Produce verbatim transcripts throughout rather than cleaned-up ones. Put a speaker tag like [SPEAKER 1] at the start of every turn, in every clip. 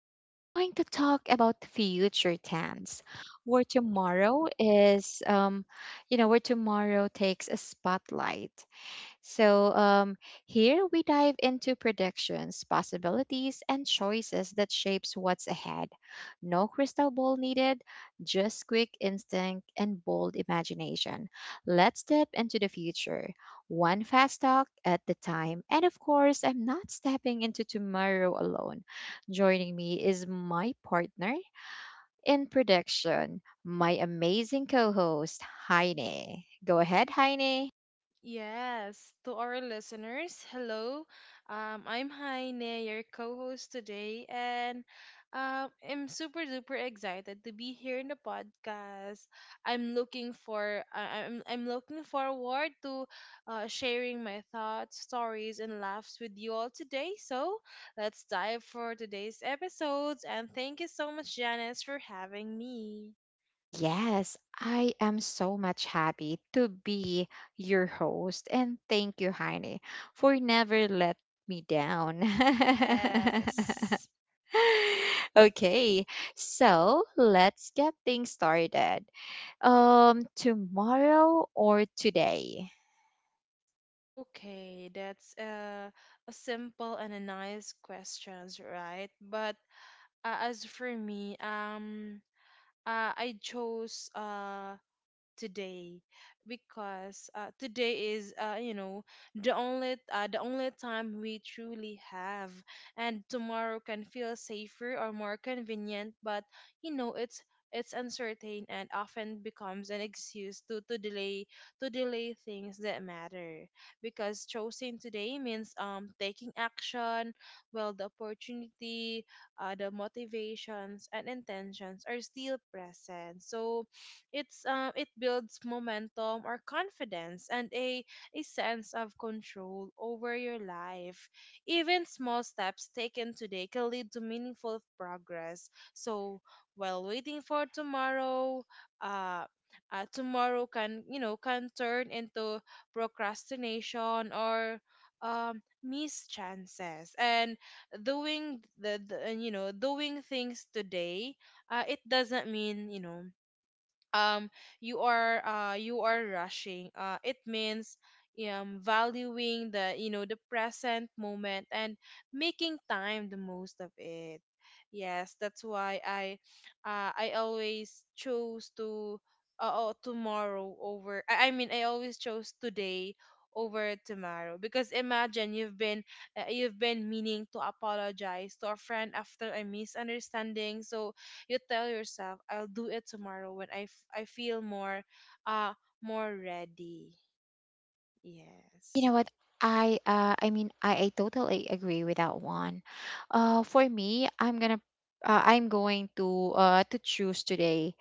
[SPEAKER 1] We're going to talk about future tense, where tomorrow is, um, you know, where tomorrow takes a spotlight. So, um, here we dive into predictions, possibilities, and choices that shapes what's ahead. No crystal ball needed, just quick instinct and bold imagination. Let's step into the future, one fast talk at the time. And of course, I'm not stepping into tomorrow alone. Joining me is my partner in prediction, my amazing co-host, Heine. Go ahead, Heine.
[SPEAKER 2] Yes, to our listeners, hello. Um, I'm Heine, your co-host today, and um, I'm super duper excited to be here in the podcast. I'm looking for I- I'm I'm looking forward to uh, sharing my thoughts, stories, and laughs with you all today. So let's dive for today's episodes, and thank you so much, Janice, for having me.
[SPEAKER 1] Yes, I am so much happy to be your host. And thank you, Heine, for never let me down.
[SPEAKER 2] Yes.
[SPEAKER 1] Okay, so let's get things started. Um, tomorrow or today?
[SPEAKER 2] Okay, that's a, a simple and a nice questions, right? But uh, as for me, um, uh, I chose uh, today because uh, today is uh, you know the only uh, the only time we truly have, and tomorrow can feel safer or more convenient, but you know it's it's uncertain and often becomes an excuse to, to delay, to delay things that matter, because choosing today means um taking action while the opportunity, uh, the motivations and intentions are still present. So it's uh, it builds momentum or confidence and a a sense of control over your life. Even small steps taken today can lead to meaningful progress. So while waiting for tomorrow, uh, uh, tomorrow can, you know can turn into procrastination or um missed chances. And doing the, the and, you know, doing things today, uh, it doesn't mean, you know um you are, uh you are rushing. Uh it means um valuing the, you know the present moment and making time the most of it. Yes, that's why i uh i always chose to, uh, oh, tomorrow over, I, I mean I always chose today over tomorrow, because imagine you've been, uh, you've been meaning to apologize to a friend after a misunderstanding. So you tell yourself, I'll do it tomorrow when i, f- I feel more, uh more ready.
[SPEAKER 1] You know
[SPEAKER 2] Yes.
[SPEAKER 1] what? I uh, I mean, I, I totally agree with that one. Uh, for me, I'm gonna, uh, I'm going to uh to choose today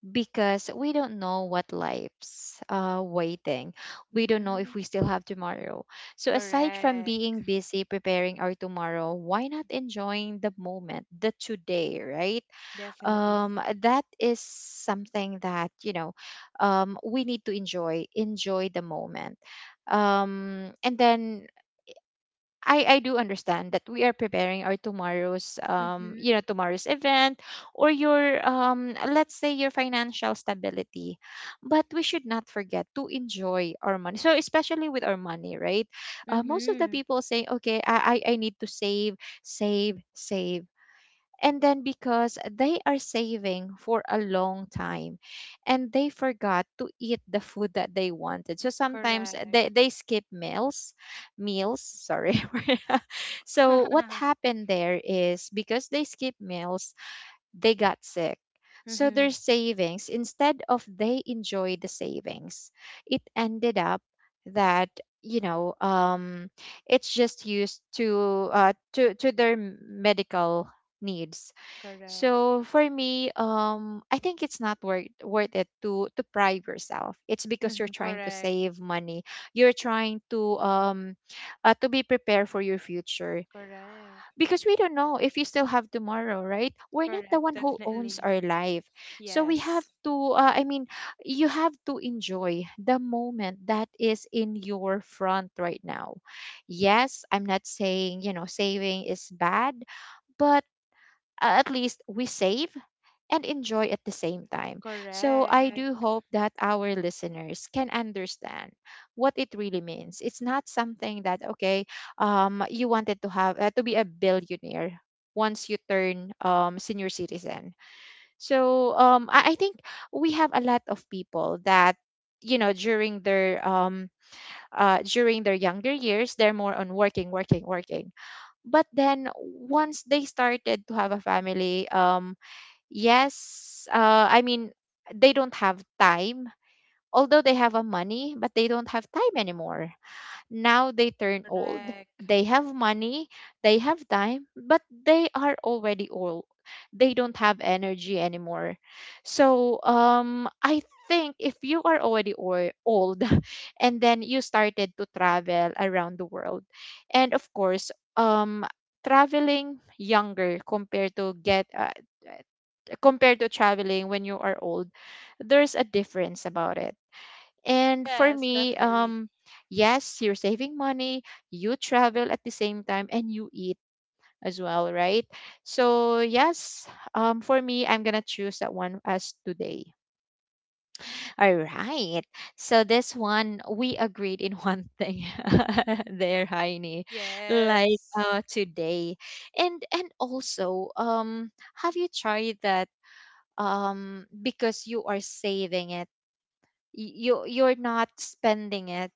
[SPEAKER 1] because we don't know what life's uh, waiting. We don't know
[SPEAKER 2] Mm-hmm.
[SPEAKER 1] if we still have tomorrow. So, aside from being
[SPEAKER 2] Correct,
[SPEAKER 1] busy preparing our tomorrow, why not enjoying the moment, the today, right?
[SPEAKER 2] definitely.
[SPEAKER 1] Um, that is something that, you know, um, we need to enjoy, enjoy the moment. Um, and then I, I do understand that we are preparing our tomorrow's um
[SPEAKER 2] Mm-hmm.
[SPEAKER 1] you know tomorrow's event or your um let's say your financial stability, but we should not forget to enjoy our money, so especially with our money, right? Uh, most of the
[SPEAKER 2] Mm-hmm.
[SPEAKER 1] people say, okay, I, I I need to save save save. And then because they are saving for a long time, and they forgot to eat the food that they wanted, so sometimes uh,
[SPEAKER 2] Correct.
[SPEAKER 1] they, they skip meals meals sorry. So what
[SPEAKER 2] Mm-hmm.
[SPEAKER 1] happened there is because they skip meals, they got sick. So their savings, instead of they enjoy the savings, it ended up that, you know, um, it's just used to uh to to their medical needs.
[SPEAKER 2] Correct.
[SPEAKER 1] So for me, um, I think it's not worth worth it to to bribe yourself. It's because you're
[SPEAKER 2] Mm-hmm.
[SPEAKER 1] trying to
[SPEAKER 2] Correct.
[SPEAKER 1] save money. You're trying to um, uh, to be prepared for your future,
[SPEAKER 2] Correct.
[SPEAKER 1] because we don't know if you still have tomorrow, right? We're not
[SPEAKER 2] Correct,
[SPEAKER 1] the one who owns
[SPEAKER 2] definitely.
[SPEAKER 1] our life, so we have
[SPEAKER 2] Yes.
[SPEAKER 1] to. Uh, I mean, you have to enjoy the moment that is in your front right now. Yes, I'm not saying, you know, saving is bad, but uh, at least we save and enjoy at the same time. So I do
[SPEAKER 2] Correct.
[SPEAKER 1] hope that our listeners can understand what it really means. It's not something that, okay, um, you wanted to have uh, to be a billionaire once you turn um, senior citizen. So um, I, I think we have a lot of people that, you know, during their um uh during their younger years, they're more on working working working. But then once they started to have a family, um, yes, uh, I mean, they don't have time. Although they have a money, but they don't have time anymore, now they turn old.
[SPEAKER 2] Correct.
[SPEAKER 1] They have money, they have time, but they are already old. They don't have energy anymore. So um, I think if you are already or- old, and then you started to travel around the world, and of course, um, traveling younger compared to get uh, compared to traveling when you are old, there's a difference about it. And for
[SPEAKER 2] Yes,
[SPEAKER 1] me,
[SPEAKER 2] definitely.
[SPEAKER 1] um, yes, you're saving money, you travel at the same time, and you eat as well, right? So, yes, um, for me, I'm going to choose that one as today. All right. So, this one, we agreed in one thing there, Heini, like
[SPEAKER 2] Yes.
[SPEAKER 1] uh, today. And, and also, um, have you tried that? Um, because you are saving it, y- you you're not spending it,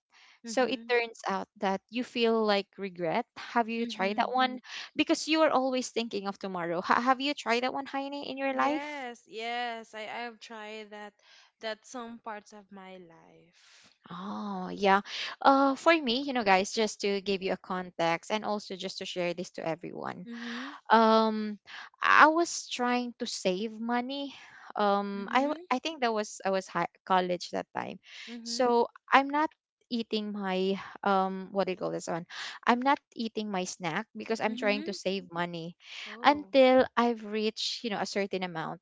[SPEAKER 1] so it
[SPEAKER 2] Mm-hmm.
[SPEAKER 1] turns out that you feel like regret. Have you tried
[SPEAKER 2] Mm-hmm.
[SPEAKER 1] that one? Mm. Because you are always thinking of tomorrow, ha- have you tried that one, Heine, in your life?
[SPEAKER 2] Yes, yes, I I have tried that, that some parts of my life.
[SPEAKER 1] Oh yeah. Uh, for me, you know, guys, just to give you a context and also just to share this to everyone,
[SPEAKER 2] Mhm,
[SPEAKER 1] um, I was trying to save money. Um, i w-
[SPEAKER 2] mhm,
[SPEAKER 1] I think that was I was high, college that time.
[SPEAKER 2] mhm,
[SPEAKER 1] So I'm not eating my um, what do you call this one? I'm not eating my snack because I'm trying to
[SPEAKER 2] mhm.
[SPEAKER 1] save money
[SPEAKER 2] Oh,
[SPEAKER 1] until I've reached, you know, a certain amount.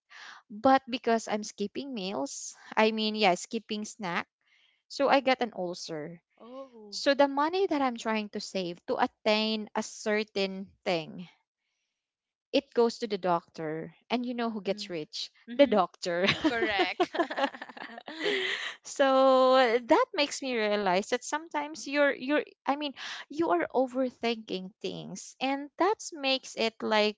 [SPEAKER 1] But because I'm skipping meals, I mean, yeah, skipping snack, so I got an ulcer.
[SPEAKER 2] oh.
[SPEAKER 1] So the money that I'm trying to save to attain a certain thing, it goes to the doctor. And you know who gets
[SPEAKER 2] Mhm,
[SPEAKER 1] rich? The
[SPEAKER 2] mhm.
[SPEAKER 1] doctor.
[SPEAKER 2] Correct.
[SPEAKER 1] So uh, that makes me realize that sometimes you're you're I mean you are overthinking things, and that makes it like,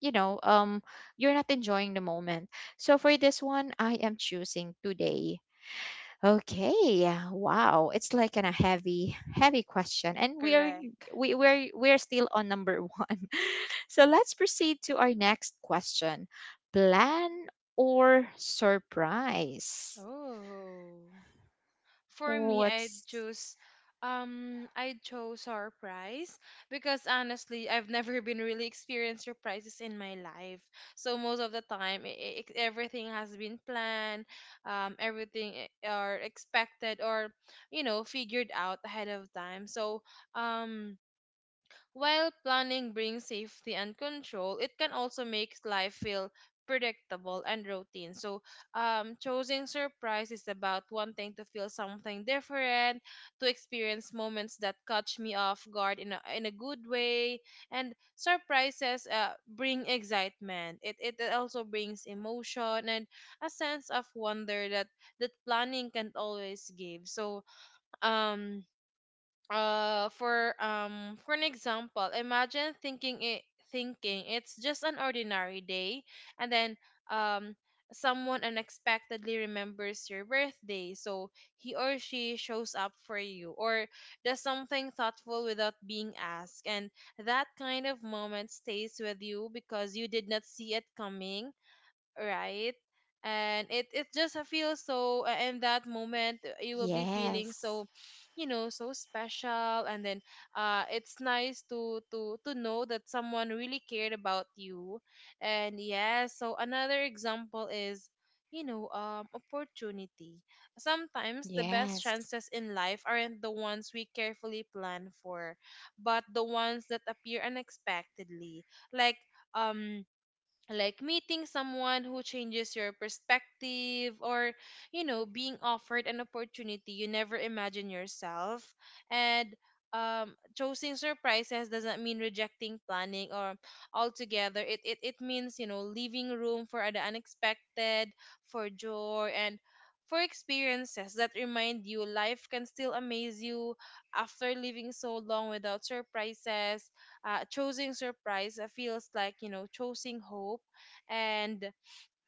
[SPEAKER 1] you know, um, you're not enjoying the moment. So for this one, I am choosing today. Okay, yeah, wow, it's like an, a heavy heavy question, and we are
[SPEAKER 2] Correct.
[SPEAKER 1] we we're we're still on number one. So let's proceed to our next question. Plan or surprise?
[SPEAKER 2] Oh. For me, I'd
[SPEAKER 1] What's—
[SPEAKER 2] choose, um I chose surprise, because honestly I've never been really experienced surprises in my life. So most of the time, I I everything has been planned, um everything i- are expected, or you know, figured out ahead of time. So um while planning brings safety and control, it can also make life feel predictable and routine. So, um, choosing surprise is about wanting to feel something different, to experience moments that catch me off guard in a, in a good way. And surprises, uh, bring excitement. It, it also brings emotion and a sense of wonder that, that planning can not always give. So, um, uh for um, for an example, imagine thinking it thinking it's just an ordinary day, and then um someone unexpectedly remembers your birthday, so he or she shows up for you, or does something thoughtful without being asked. And that kind of moment stays with you because you did not see it coming, right? And it it just, uh, feels so, uh, in that moment, uh, you will be feeling
[SPEAKER 1] Yes.
[SPEAKER 2] so, you know, so special. And then uh it's nice to to to know that someone really cared about you. And yeah, so another example is, you know, um opportunity. Sometimes the best
[SPEAKER 1] Yes.
[SPEAKER 2] chances in life aren't the ones we carefully plan for, but the ones that appear unexpectedly. Like um like meeting someone who changes your perspective, or you know, being offered an opportunity you never imagined yourself. And um choosing surprises doesn't mean rejecting planning or altogether. It it, it means, you know, leaving room for the unexpected, for joy, and for experiences that remind you life can still amaze you. After living so long without surprises, uh, choosing surprise, uh, feels like, you know, choosing hope. And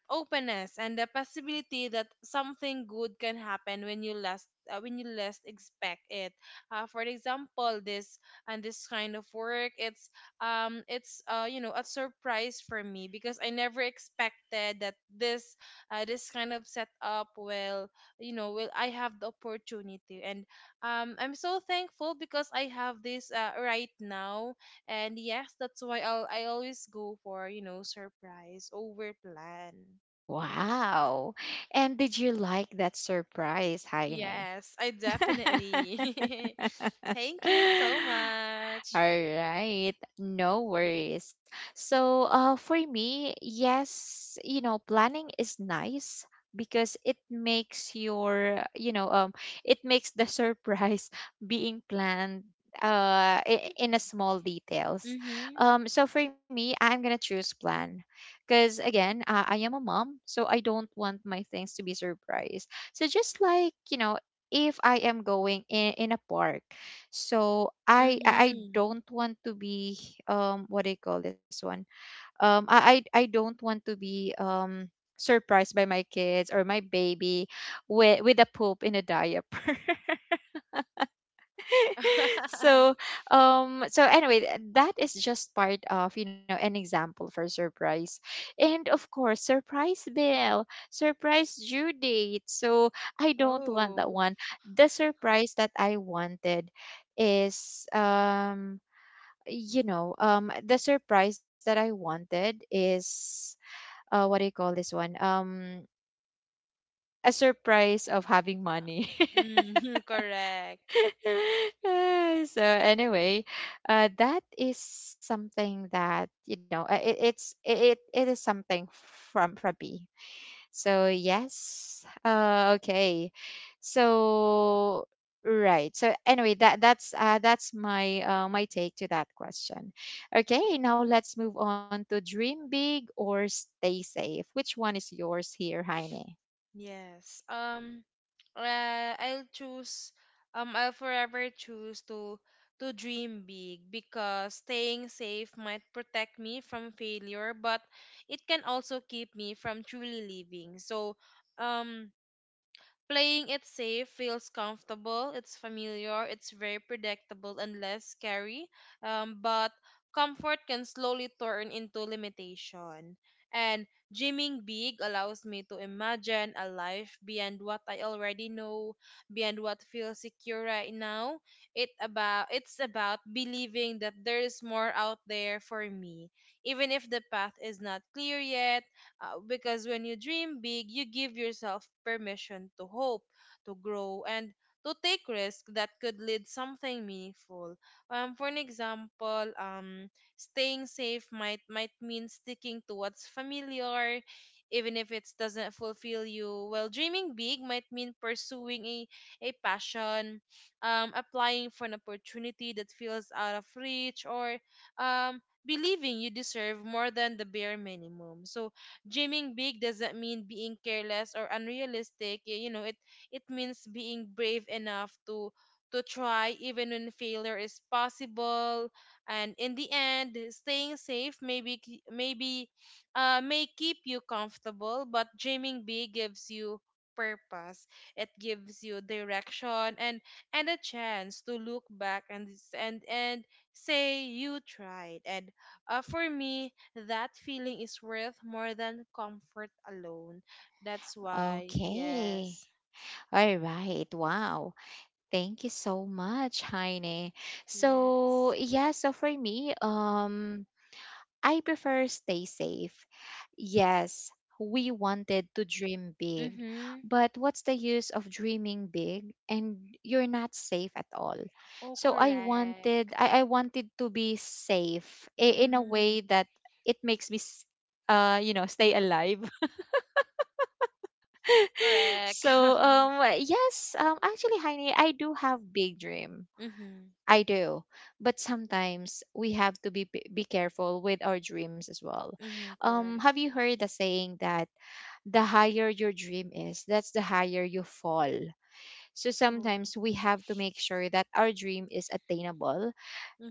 [SPEAKER 2] openness, and the possibility that something good can happen when you last uh, when you least expect it. Uh, for example, this, and this kind of work, it's um it's, uh you know, a surprise for me because I never expected that this uh, this kind of setup will, you know, will I have the opportunity. And um I'm so thankful because I have this, uh, right now. And yes, that's why I'll, I always go for, you know, surprise over plan.
[SPEAKER 1] Wow. And did you like that surprise, Heine?
[SPEAKER 2] Yes, I definitely. Thank you so much.
[SPEAKER 1] All right, no worries. So, uh, for me, yes, you know, planning is nice because it makes your, you know, um, it makes the surprise being planned uh i- in a small details.
[SPEAKER 2] Mm-hmm.
[SPEAKER 1] Um, so for me, I'm gonna choose plan, because again, uh, I am a mom, so I don't want my things to be surprised. So just like, you know, if I am going in, in a park, so I I I
[SPEAKER 2] Mm-hmm.
[SPEAKER 1] don't want to be um, what do you call this one? Um I I, I don't want to be um, surprised by my kids or my baby with with a poop in a diaper. So um, so anyway, th- that is just part of, you know, an example for surprise. And of course, surprise Bill, surprise due date. So I don't want that
[SPEAKER 2] Oh.
[SPEAKER 1] one. The surprise that I wanted is um, you know, um, the surprise that I wanted is uh, what do you call this one? Um, a surprise of having money.
[SPEAKER 2] Mm-hmm, correct.
[SPEAKER 1] Ah, so anyway, uh, that is something that, you know, uh, it, it's it it is something from from me. So yes. Uh, okay. So right. So anyway, that that's uh, that's my uh, my take to that question. Okay, now let's move on to dream big or stay safe. Which one is yours here, Heine?
[SPEAKER 2] Yes. Um uh, I'll choose, um I'll forever choose to to dream big, because staying safe might protect me from failure, but it can also keep me from truly living. So um playing it safe feels comfortable, it's familiar, it's very predictable and less scary, um, but comfort can slowly turn into limitation. And dreaming big allows me to imagine a life beyond what I already know, beyond what feels secure right now. It about it's about believing that there is more out there for me, even if the path is not clear yet, uh, because when you dream big, you give yourself permission to hope, to grow, and to take risks that could lead something meaningful. Um, for an example, um, staying safe might might mean sticking to what's familiar, even if it doesn't fulfill you. Well, dreaming big might mean pursuing a, a passion, um, applying for an opportunity that feels out of reach, or um, believing you deserve more than the bare minimum. So dreaming big doesn't mean being careless or unrealistic. y- You know, it it means being brave enough to to try even when failure is possible. And in the end, staying safe maybe, k- maybe uh may keep you comfortable, but dreaming big gives you purpose. It gives you direction, and and a chance to look back and s- and and say you tried. And uh, for me, that feeling is worth more than comfort alone. That's why,
[SPEAKER 1] Okay.
[SPEAKER 2] yes,
[SPEAKER 1] All right. Wow. Thank you so much, Heine. So
[SPEAKER 2] yes.
[SPEAKER 1] yeah, so for me, um, I prefer stay safe. Yes, we wanted to dream big,
[SPEAKER 2] Mm-hmm.
[SPEAKER 1] but what's the use of dreaming big and you're not safe at all?
[SPEAKER 2] Oh,
[SPEAKER 1] So I wanted
[SPEAKER 2] correct.
[SPEAKER 1] I, I wanted to be safe i- in a
[SPEAKER 2] Mm-hmm.
[SPEAKER 1] way that it makes me s- uh you know stay alive.
[SPEAKER 2] Correct.
[SPEAKER 1] So um, yes, um, actually, Heine, I do have big dream.
[SPEAKER 2] Mm-hmm.
[SPEAKER 1] I do. But sometimes we have to be be careful with our dreams as well.
[SPEAKER 2] Mm-hmm.
[SPEAKER 1] Um,
[SPEAKER 2] Correct.
[SPEAKER 1] have you heard the saying that the higher your dream is, that's the higher you fall. So
[SPEAKER 2] Oh.
[SPEAKER 1] sometimes we have to make sure that our dream is attainable,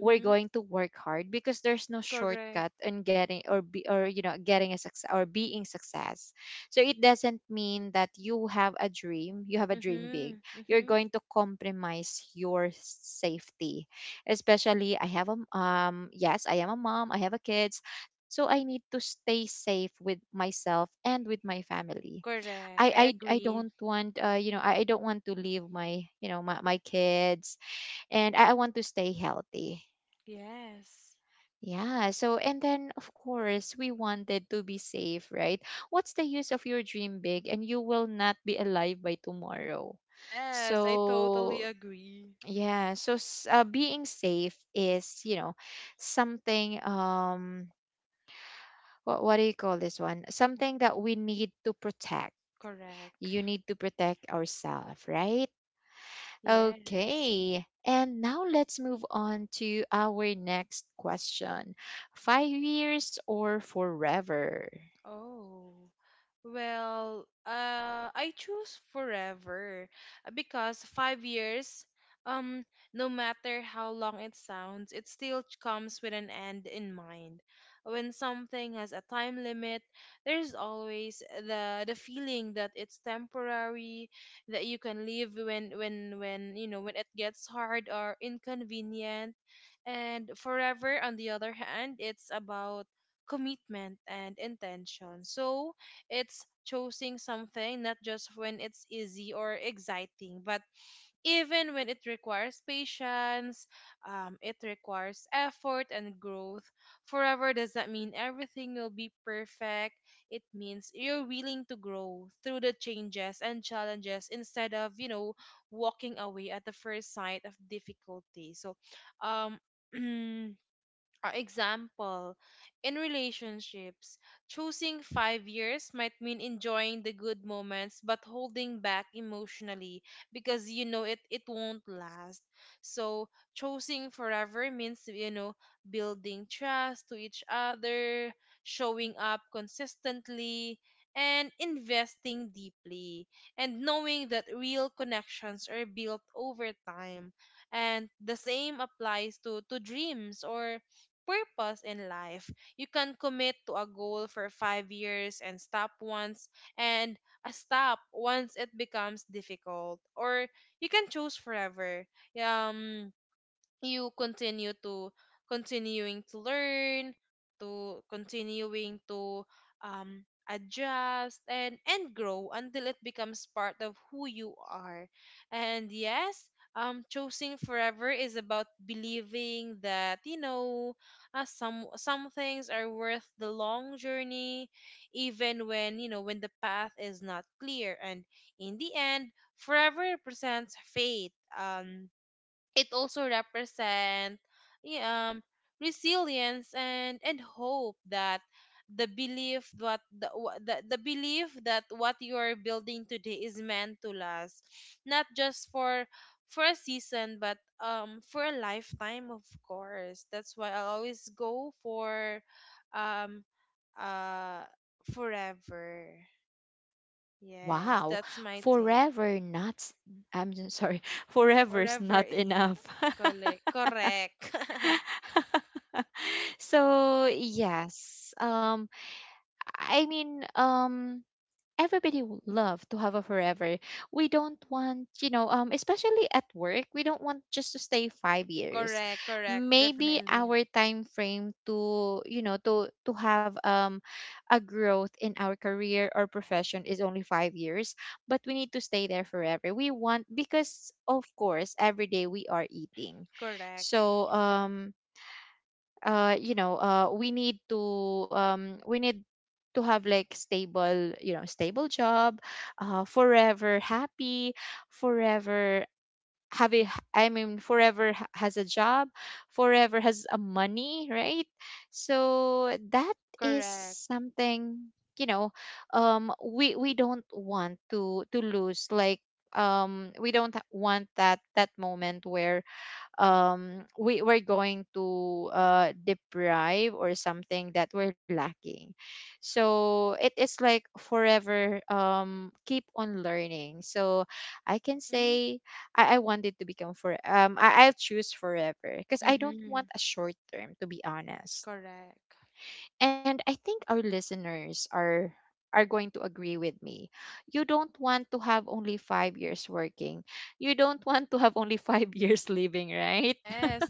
[SPEAKER 1] we're going to work hard, because there's no
[SPEAKER 2] Correct.
[SPEAKER 1] shortcut in getting or be or you know getting a success or being success. So it doesn't mean that you have a dream you have a dream big,
[SPEAKER 2] Mm-hmm.
[SPEAKER 1] you're
[SPEAKER 2] Mm-hmm.
[SPEAKER 1] going to compromise your safety. Especially I have a m- um yes, I am a mom, I have a kids, so I need to stay safe with myself and with my family. i
[SPEAKER 2] Correct. I
[SPEAKER 1] i, I
[SPEAKER 2] agree.
[SPEAKER 1] don't want, uh, you know, I, I don't want to leave my, you know, my, my kids. And I, I want to stay healthy.
[SPEAKER 2] Yes.
[SPEAKER 1] Yeah, so and then of course we wanted to be safe, right? What's the use of your dream big and you will not be alive by tomorrow?
[SPEAKER 2] Yes, I totally
[SPEAKER 1] So
[SPEAKER 2] agree.
[SPEAKER 1] yeah, so s- uh, being safe is, you know, something um, what what do you call this one? Something that we need to protect.
[SPEAKER 2] Correct.
[SPEAKER 1] You need to protect ourselves, right?
[SPEAKER 2] Yes.
[SPEAKER 1] Okay. And now let's move on to our next question. Five years or forever?
[SPEAKER 2] Oh, well, uh, I choose forever, uh, because five years, um, no matter how long it sounds, it still ch- comes with an end in mind. When something has a time limit, there's always the the feeling that it's temporary, that you can leave when when when you know, when it gets hard or inconvenient. And forever, on the other hand, it's about commitment and intention. So it's choosing something not just when it's easy or exciting, but even when it requires patience, um, it requires effort and growth. Forever does not mean everything will be perfect. It means you're willing to grow through the changes and challenges instead of, you know, walking away at the first sight of difficulty. So, um, for example, in relationships, choosing five years might mean enjoying the good moments but holding back emotionally because you know it, it won't last. So, choosing forever means, you know, building trust to each other, showing up consistently, and investing deeply, and knowing that real connections are built over time. And the same applies to to dreams or purpose in life. You can commit to a goal for five years and stop once, and uh, stop once it becomes difficult. Or you can choose forever. Um you continue to, continuing to learn, to continuing to um, adjust and and grow until it becomes part of who you are. And yes, um choosing forever is about believing that you know, uh, some some things are worth the long journey, even when, you know, when the path is not clear. And in the end, forever represents faith, um it also represent, yeah, um resilience, and and hope, that the belief that the, wha- the, the belief that what you are building today is meant to last, not just for for a season, but um for a lifetime. Of course, that's why I always go for, um uh forever. Yes,
[SPEAKER 1] Wow.
[SPEAKER 2] that's my take.
[SPEAKER 1] Forever not s- I'm so sorry. Forever's
[SPEAKER 2] forever
[SPEAKER 1] not
[SPEAKER 2] i-
[SPEAKER 1] enough.
[SPEAKER 2] Correct, correct.
[SPEAKER 1] So yes. Um I mean um Everybody would love to have a forever. We don't want, you know, um, especially at work, we don't want just to stay five years.
[SPEAKER 2] Correct, correct,
[SPEAKER 1] Maybe
[SPEAKER 2] definitely.
[SPEAKER 1] our time frame to, you know, to to have um, a growth in our career or profession is only five years, but we need to stay there forever. We want, because of course every day we are eating.
[SPEAKER 2] Correct,
[SPEAKER 1] So um uh you know uh we need to um we need to have like stable, you know, stable job, uh, forever happy, forever have a h- I mean forever ha- has a job, forever has a money, right? So that is
[SPEAKER 2] correct.
[SPEAKER 1] something, you know. Um we we don't want to to lose like, um we don't want that that moment where, um we we're going to uh deprive or something that we're lacking. So it is like forever, um keep on learning. So I can
[SPEAKER 2] Mm-hmm.
[SPEAKER 1] say, i, I wanted to become for um I, i'll choose forever because I don't
[SPEAKER 2] Mm-hmm.
[SPEAKER 1] want a short term, to be honest.
[SPEAKER 2] Correct.
[SPEAKER 1] And I think our listeners are are going to agree with me. You don't want to have only five years working. You don't want to have only five years living, right?
[SPEAKER 2] Yes,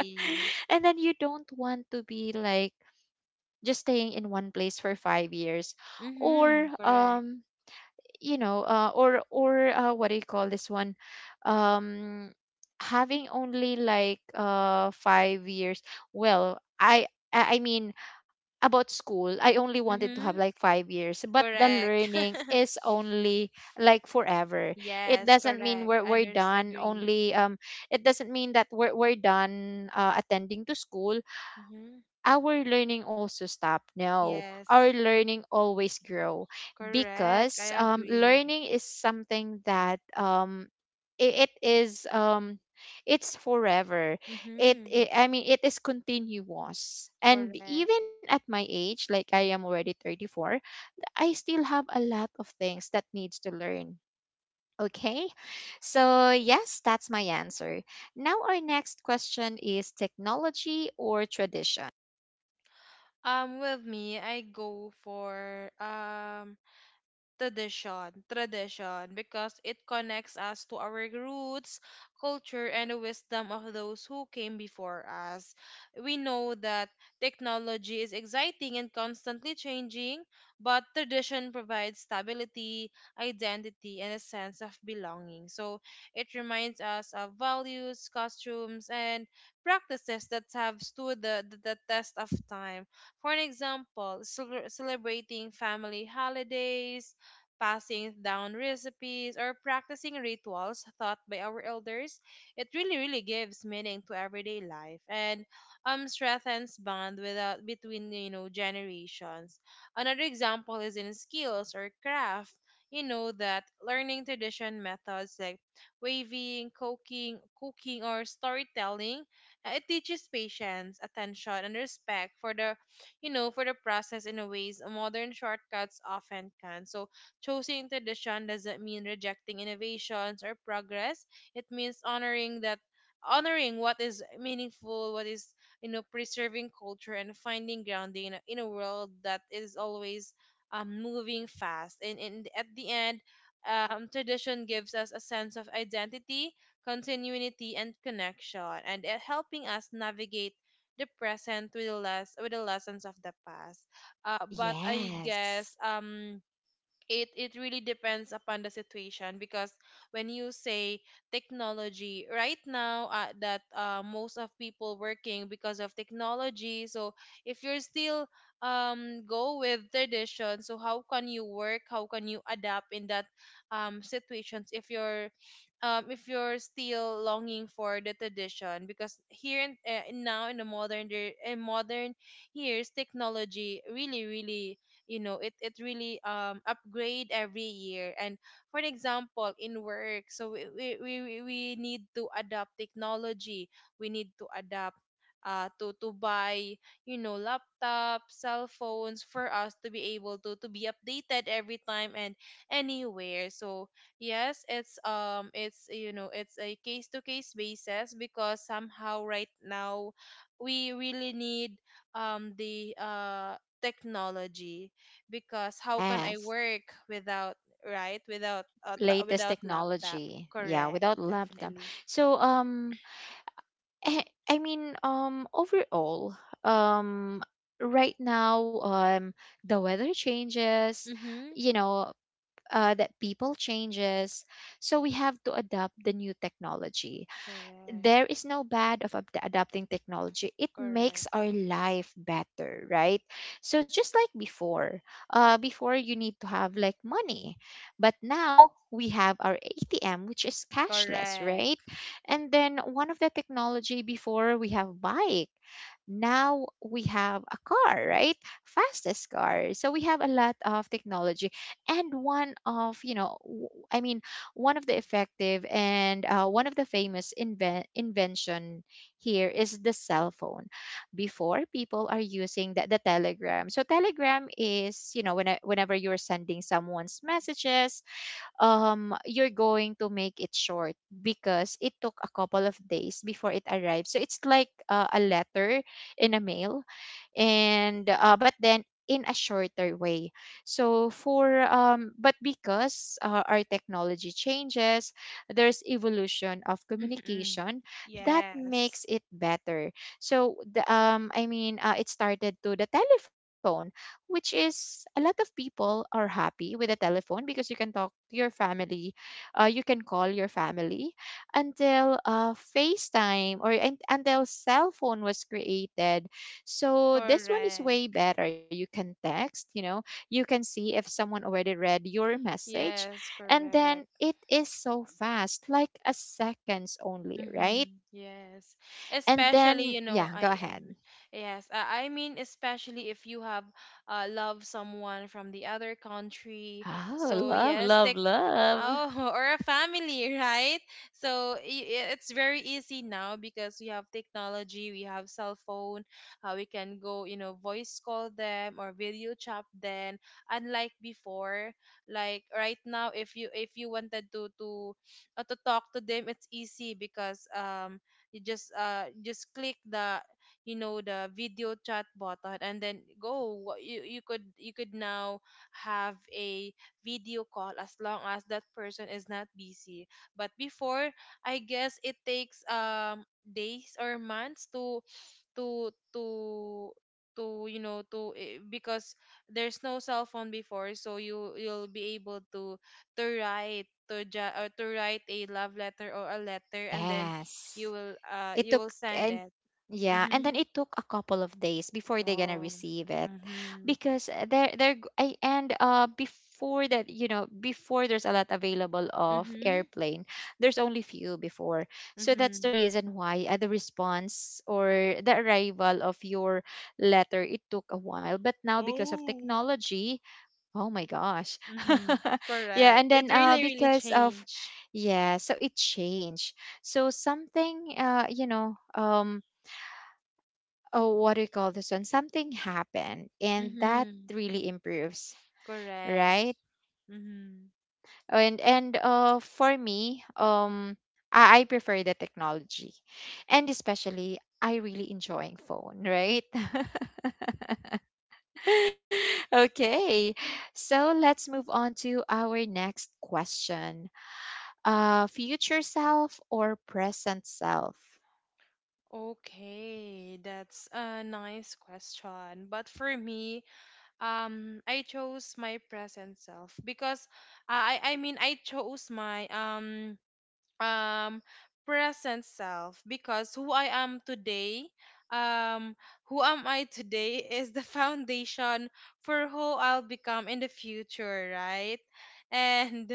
[SPEAKER 1] And then you don't want to be like just staying in one place for five years, or
[SPEAKER 2] Mm-hmm. Correct.
[SPEAKER 1] um you know uh, or or uh, what do you call this one um having only like uh five years. Well i i I mean, about school I only wanted to have
[SPEAKER 2] Mm-hmm.
[SPEAKER 1] like five years, but the
[SPEAKER 2] Correct.
[SPEAKER 1] learning is only like forever. It
[SPEAKER 2] Yes,
[SPEAKER 1] doesn't mean
[SPEAKER 2] correct.
[SPEAKER 1] we're, we're
[SPEAKER 2] Others
[SPEAKER 1] done
[SPEAKER 2] agree.
[SPEAKER 1] only um it doesn't mean that we're, we're done, uh, attending to school.
[SPEAKER 2] Mm-hmm.
[SPEAKER 1] Our learning also stop? No, our
[SPEAKER 2] Yes,
[SPEAKER 1] learning always grow,
[SPEAKER 2] correct.
[SPEAKER 1] because,
[SPEAKER 2] I
[SPEAKER 1] um,
[SPEAKER 2] agree.
[SPEAKER 1] learning is something that, um, it, it is, um, it's forever. it,
[SPEAKER 2] Mm-hmm.
[SPEAKER 1] it i mean it is continuous, and
[SPEAKER 2] Correct.
[SPEAKER 1] even at my age, like I am already thirty-four. I still have a lot of things that needs to learn. Okay, so yes, that's my answer. Now our next question is technology or tradition?
[SPEAKER 2] Um, with me, I go for, um tradition, tradition because it connects us to our roots, culture, and the wisdom of those who came before us. We know that technology is exciting and constantly changing, but tradition provides stability, identity, and a sense of belonging. So it reminds us of values, costumes, and practices that have stood the, the, the test of time. For an example, cel- celebrating family holidays, passing down recipes, or practicing rituals taught by our elders, it really, really gives meaning to everyday life and, um, strengthens bond without, between, you know, generations. Another example is in skills or craft. You know that learning tradition methods like weaving, cooking, cooking, or storytelling, uh, it teaches patience, attention, and respect for the you know, for the process in a ways modern shortcuts often can. So choosing tradition doesn't mean rejecting innovations or progress. It means honoring that honoring what is meaningful, what is you know preserving culture and finding grounding in a, in a world that is always um, moving fast. And, and at the end, um, tradition gives us a sense of identity, continuity, and connection, and it helping us navigate the present with the less with the lessons of the past. Uh, but I guess
[SPEAKER 1] Yes.
[SPEAKER 2] um it it really depends upon the situation because when you say technology right now, uh, that uh, most of people working because of technology. So if you're still um go with tradition, so how can you work, how can you adapt in that um situations if you're um if you're still longing for the tradition? Because here in, uh, now in the modern day- in modern years, technology really really, you know it it really um upgrade every year. And for example in work, so we we, we we we need to adopt technology, we need to adapt, uh, to to buy, you know, laptops, cell phones for us to be able to to be updated every time and anywhere. So yes, it's um it's you know it's a case to case basis because somehow right now we really need, um the uh technology. Because how can I
[SPEAKER 1] Yes.
[SPEAKER 2] work without, right, without uh, ta-
[SPEAKER 1] Latest
[SPEAKER 2] without laptop?
[SPEAKER 1] technology. Yeah,
[SPEAKER 2] Correct,
[SPEAKER 1] without laptop.
[SPEAKER 2] definitely.
[SPEAKER 1] So um I, I mean, um overall, um right now, um the weather changes,
[SPEAKER 2] Mhm.
[SPEAKER 1] you know, uh that people changes. So we have to adapt the new technology.
[SPEAKER 2] Correct.
[SPEAKER 1] There is no bad of ad- adapting technology. It
[SPEAKER 2] Correct.
[SPEAKER 1] makes our life better, right? So just like before, uh, before you need to have like money, but now we have our A T M, which is cashless, right?
[SPEAKER 2] Correct.
[SPEAKER 1] And then one of the technology before we have bike, now we have a car, right? Fastest car. So we have a lot of technology, and one of, you know, w- I mean one of the effective and, uh, one of the famous inven- invention here is the cell phone. Before, people are using the, the Telegram. So Telegram is, you know, when I, whenever you're sending someone's messages, um, you're going to make it short because it took a couple of days before it arrived. So it's like, uh, a letter in a mail, and, uh, but then in a shorter way. So for um but because uh, Our technology changes, there's evolution of
[SPEAKER 2] Mhm.
[SPEAKER 1] communication that
[SPEAKER 2] Yes.
[SPEAKER 1] makes it better. So the um I mean uh, It started to the telephone, which is a lot of people are happy with the telephone because you can talk to your family, uh, you can call your family until, uh, facetime or un- until cell phone was created. So this one is way
[SPEAKER 2] Correct.
[SPEAKER 1] better. You can text, you know, you can see if someone already read your message.
[SPEAKER 2] Yes,
[SPEAKER 1] And then
[SPEAKER 2] correct.
[SPEAKER 1] it is so fast, like a seconds only, right?
[SPEAKER 2] Mm-hmm. Yes.
[SPEAKER 1] And
[SPEAKER 2] Especially,
[SPEAKER 1] then,
[SPEAKER 2] you know,
[SPEAKER 1] yeah, go
[SPEAKER 2] I I'm
[SPEAKER 1] ahead.
[SPEAKER 2] yes, I, I mean, especially if you have uh love someone from the other country.
[SPEAKER 1] Oh,
[SPEAKER 2] So
[SPEAKER 1] love,
[SPEAKER 2] yes,
[SPEAKER 1] love,
[SPEAKER 2] take
[SPEAKER 1] love.
[SPEAKER 2] oh or a family, right? So i- i- it's very easy now because we have technology, we have cell phone, uh, we can go, you know, voice call them or video chat them. Unlike before, like right now if you if you wanted to to uh, to talk to them, it's easy because um you just uh just click the, you know, the video chat button and then go. Wha- you you could you could now have a video call as long as that person is not busy. But before, I guess it takes um days or months to to to to you know to eh, because there's no cell phone before, so you you'll be able to to write to ja- or to write a love letter or a letter and then
[SPEAKER 1] Yes.
[SPEAKER 2] you will uh
[SPEAKER 1] It
[SPEAKER 2] you will
[SPEAKER 1] took
[SPEAKER 2] send
[SPEAKER 1] and
[SPEAKER 2] it.
[SPEAKER 1] yeah, and
[SPEAKER 2] Mm-hmm.
[SPEAKER 1] then it took a couple of days before they're gonna
[SPEAKER 2] Oh.
[SPEAKER 1] receive it,
[SPEAKER 2] Mm-hmm.
[SPEAKER 1] because eh, they're they're g- I, and uh before that, you know, before, there's a lot available of
[SPEAKER 2] Mm-hmm.
[SPEAKER 1] airplane, there's only few before. So that's
[SPEAKER 2] Mm-hmm.
[SPEAKER 1] the reason why, uh, the response or the arrival of your letter it took a while. But now because of
[SPEAKER 2] Oh.
[SPEAKER 1] technology, oh my gosh.
[SPEAKER 2] Mm-hmm.
[SPEAKER 1] Yeah,
[SPEAKER 2] Correct,
[SPEAKER 1] and
[SPEAKER 2] it
[SPEAKER 1] then uh
[SPEAKER 2] really really
[SPEAKER 1] because of
[SPEAKER 2] changed.
[SPEAKER 1] yeah, so it changed. So something, uh you know, um oh, what do you call this one? Something happened and that
[SPEAKER 2] Mm-hmm.
[SPEAKER 1] really improves,
[SPEAKER 2] Correct.
[SPEAKER 1] right?
[SPEAKER 2] Mm-hmm.
[SPEAKER 1] And and uh for me, um I, I prefer the technology. And especially I really enjoying phone, right? Okay. So let's move on to our next question. uh, future self or present self?
[SPEAKER 2] Okay, that's a nice question. But for me, um, I chose my present self because I I mean I chose my um um present self, because who I am today, um who am I today is the foundation for who I'll become in the future, right? And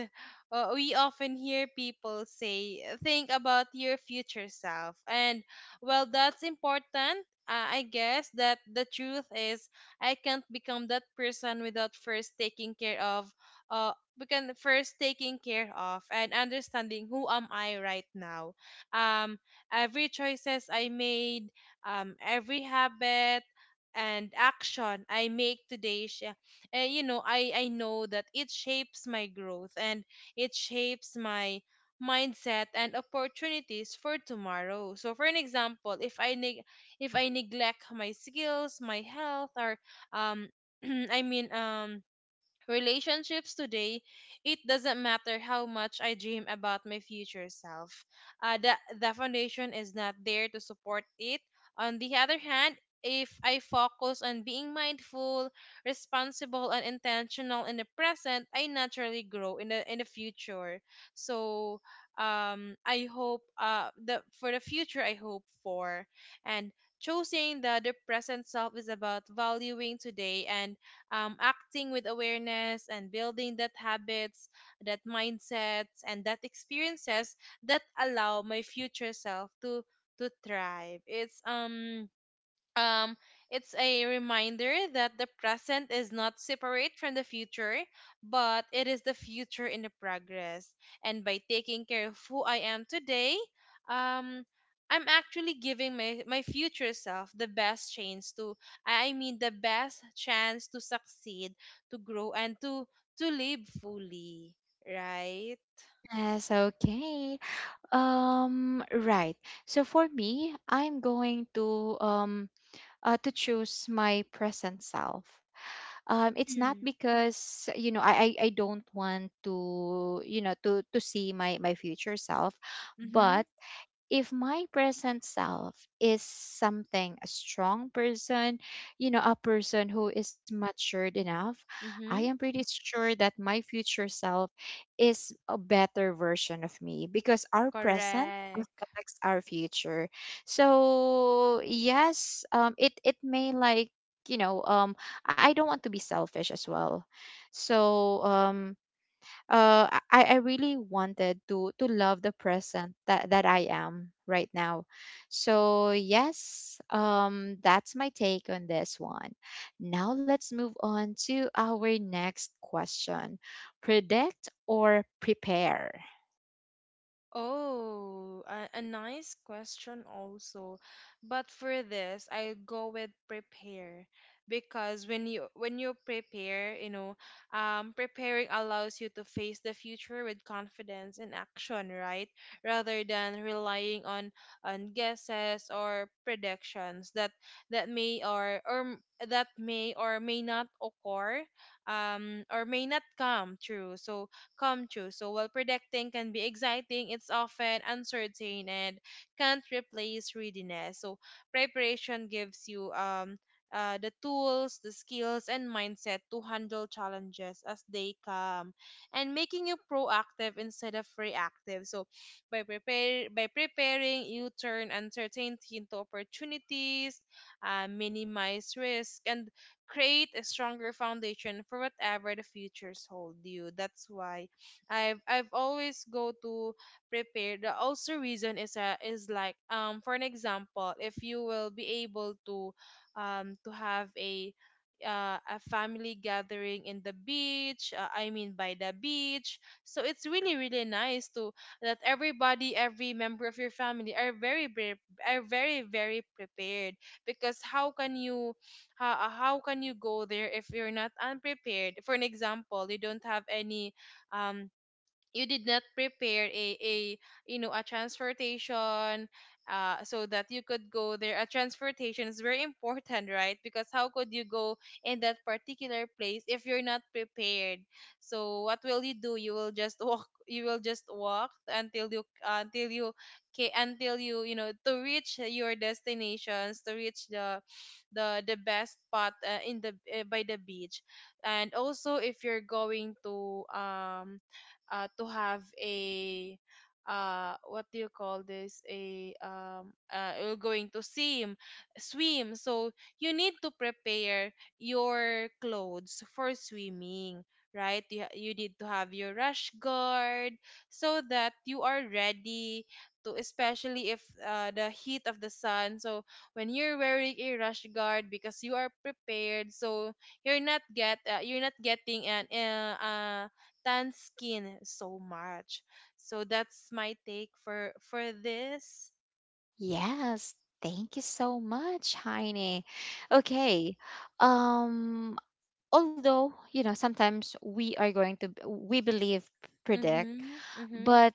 [SPEAKER 2] uh, we often hear people say think about your future self, and well, that's important. uh, I guess that the truth is I can't become that person without first taking care of, uh, begin first taking care of and understanding who am I right now. Um, every choices I made, um, every habit and action I make today, sh- uh, you know, I I know that it shapes my growth and it shapes my mindset and opportunities for tomorrow. So for an example, if I neg- if I neglect my skills, my health or um I mean um relationships today, it doesn't matter how much I dream about my future self. Uh, the, the foundation is not there to support it. On the other hand, if I focus on being mindful, responsible, and intentional in the present, I naturally grow in the in the future. So, um, I hope uh the for the future I hope for, and choosing the the present self is about valuing today and, um, acting with awareness and building that habits, that mindsets, and that experiences that allow my future self to to thrive. It's um um, it's a reminder that the present is not separate from the future, but it is the future in the progress. And by taking care of who I am today, um, I'm actually giving my, my future self the best chance to, I mean, the best chance to succeed, to grow, and to to live fully, right?
[SPEAKER 1] Yes, okay. Um, right. So for me, I'm going to, um uh, to choose my present self. Um, it's not
[SPEAKER 2] Mm.
[SPEAKER 1] because, you know, I, I I don't want to, you know, to to see my my future self,
[SPEAKER 2] Mm-hmm.
[SPEAKER 1] but if my present self is something a strong person, you know, a person who is matured enough, I am
[SPEAKER 2] Mm-hmm.
[SPEAKER 1] pretty sure that my future self is a better version of me because our present
[SPEAKER 2] Correct.
[SPEAKER 1] affects our future. So, yes, um it it may like, you know, um i I don't want to be selfish as well, so um uh I, I really wanted to to love the present that, that I am right now. So yes, um that's my take on this one. Now let's move on to our next question. Predict or prepare?
[SPEAKER 2] Oh, a, a nice question also. But for this, I go with prepare because when you when you prepare, you know, um, preparing allows you to face the future with confidence and action, right? Rather than relying on on guesses or predictions that that may or or m- that may or may not occur, um, or may not come true. So come true. So while predicting can be exciting, it's often uncertain and can't replace readiness. So preparation gives you um uh, the tools, the skills, and mindset to handle challenges as they come, and making you proactive instead of reactive. So, by prepare by preparing, you turn uncertainty into opportunities, uh, minimize risk, and create a stronger foundation for whatever the futures hold you. That's why I've I've always go to prepare. The also reason is uh, is like um for an example, if you will be able to um to have a uh, a family gathering in the beach, uh, i mean by the beach, so it's really really nice to that everybody, every member of your family are very pre- are very very prepared. Because how can you how, how can you go there if you're not unprepared? For an example, you don't have any um you did not prepare a, a you know a transportation, uh, so that you could go there. A transportation is very important, right? Because how could you go in that particular place if you're not prepared? So what will you do? You will just walk, you will just walk until you until you ca- until you you know, to reach your destinations, to reach the the the best spot uh, in the uh, by the beach. And also if you're going to um uh, to have a uh what do you call this, a um uh, you're going to swim swim. So you need to prepare your clothes for swimming, right? You, you need to have your rash guard so that you are ready to, especially if uh, the heat of the sun. So when you're wearing a rash guard, because you are prepared, so you're not get uh, you're not getting an uh, uh tan skin so much. So that's my take for for this.
[SPEAKER 1] Yes, thank you so much, Heine. Okay. Um, although, you know, sometimes we are going to we believe predict,
[SPEAKER 2] Mhm. Mhm.
[SPEAKER 1] but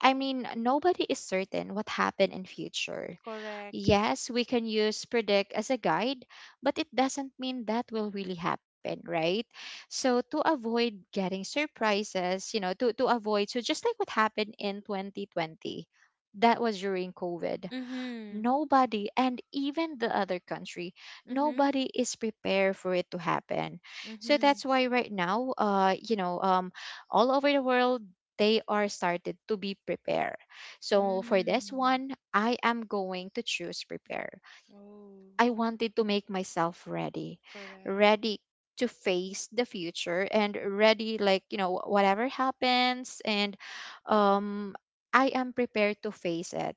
[SPEAKER 1] I mean, nobody is certain what happened in future.
[SPEAKER 2] Correct.
[SPEAKER 1] Yes, we can use predict as a guide, but it doesn't mean that will really happen, right? So to avoid getting surprises, you know, to to avoid, so just like what happened in twenty twenty, that was during COVID.
[SPEAKER 2] Mhm.
[SPEAKER 1] Nobody and even the other country,
[SPEAKER 2] Mhm.
[SPEAKER 1] nobody is prepared for it to happen. So
[SPEAKER 2] Mhm.
[SPEAKER 1] that's why right now, uh you know um all over the world, they are started to be prepared. So for this
[SPEAKER 2] Mm.
[SPEAKER 1] one I am going to choose prepare.
[SPEAKER 2] Oh,
[SPEAKER 1] I wanted to make myself ready,
[SPEAKER 2] correct.
[SPEAKER 1] ready to face the future and ready, like, you know, whatever happens. And um I am prepared to face it.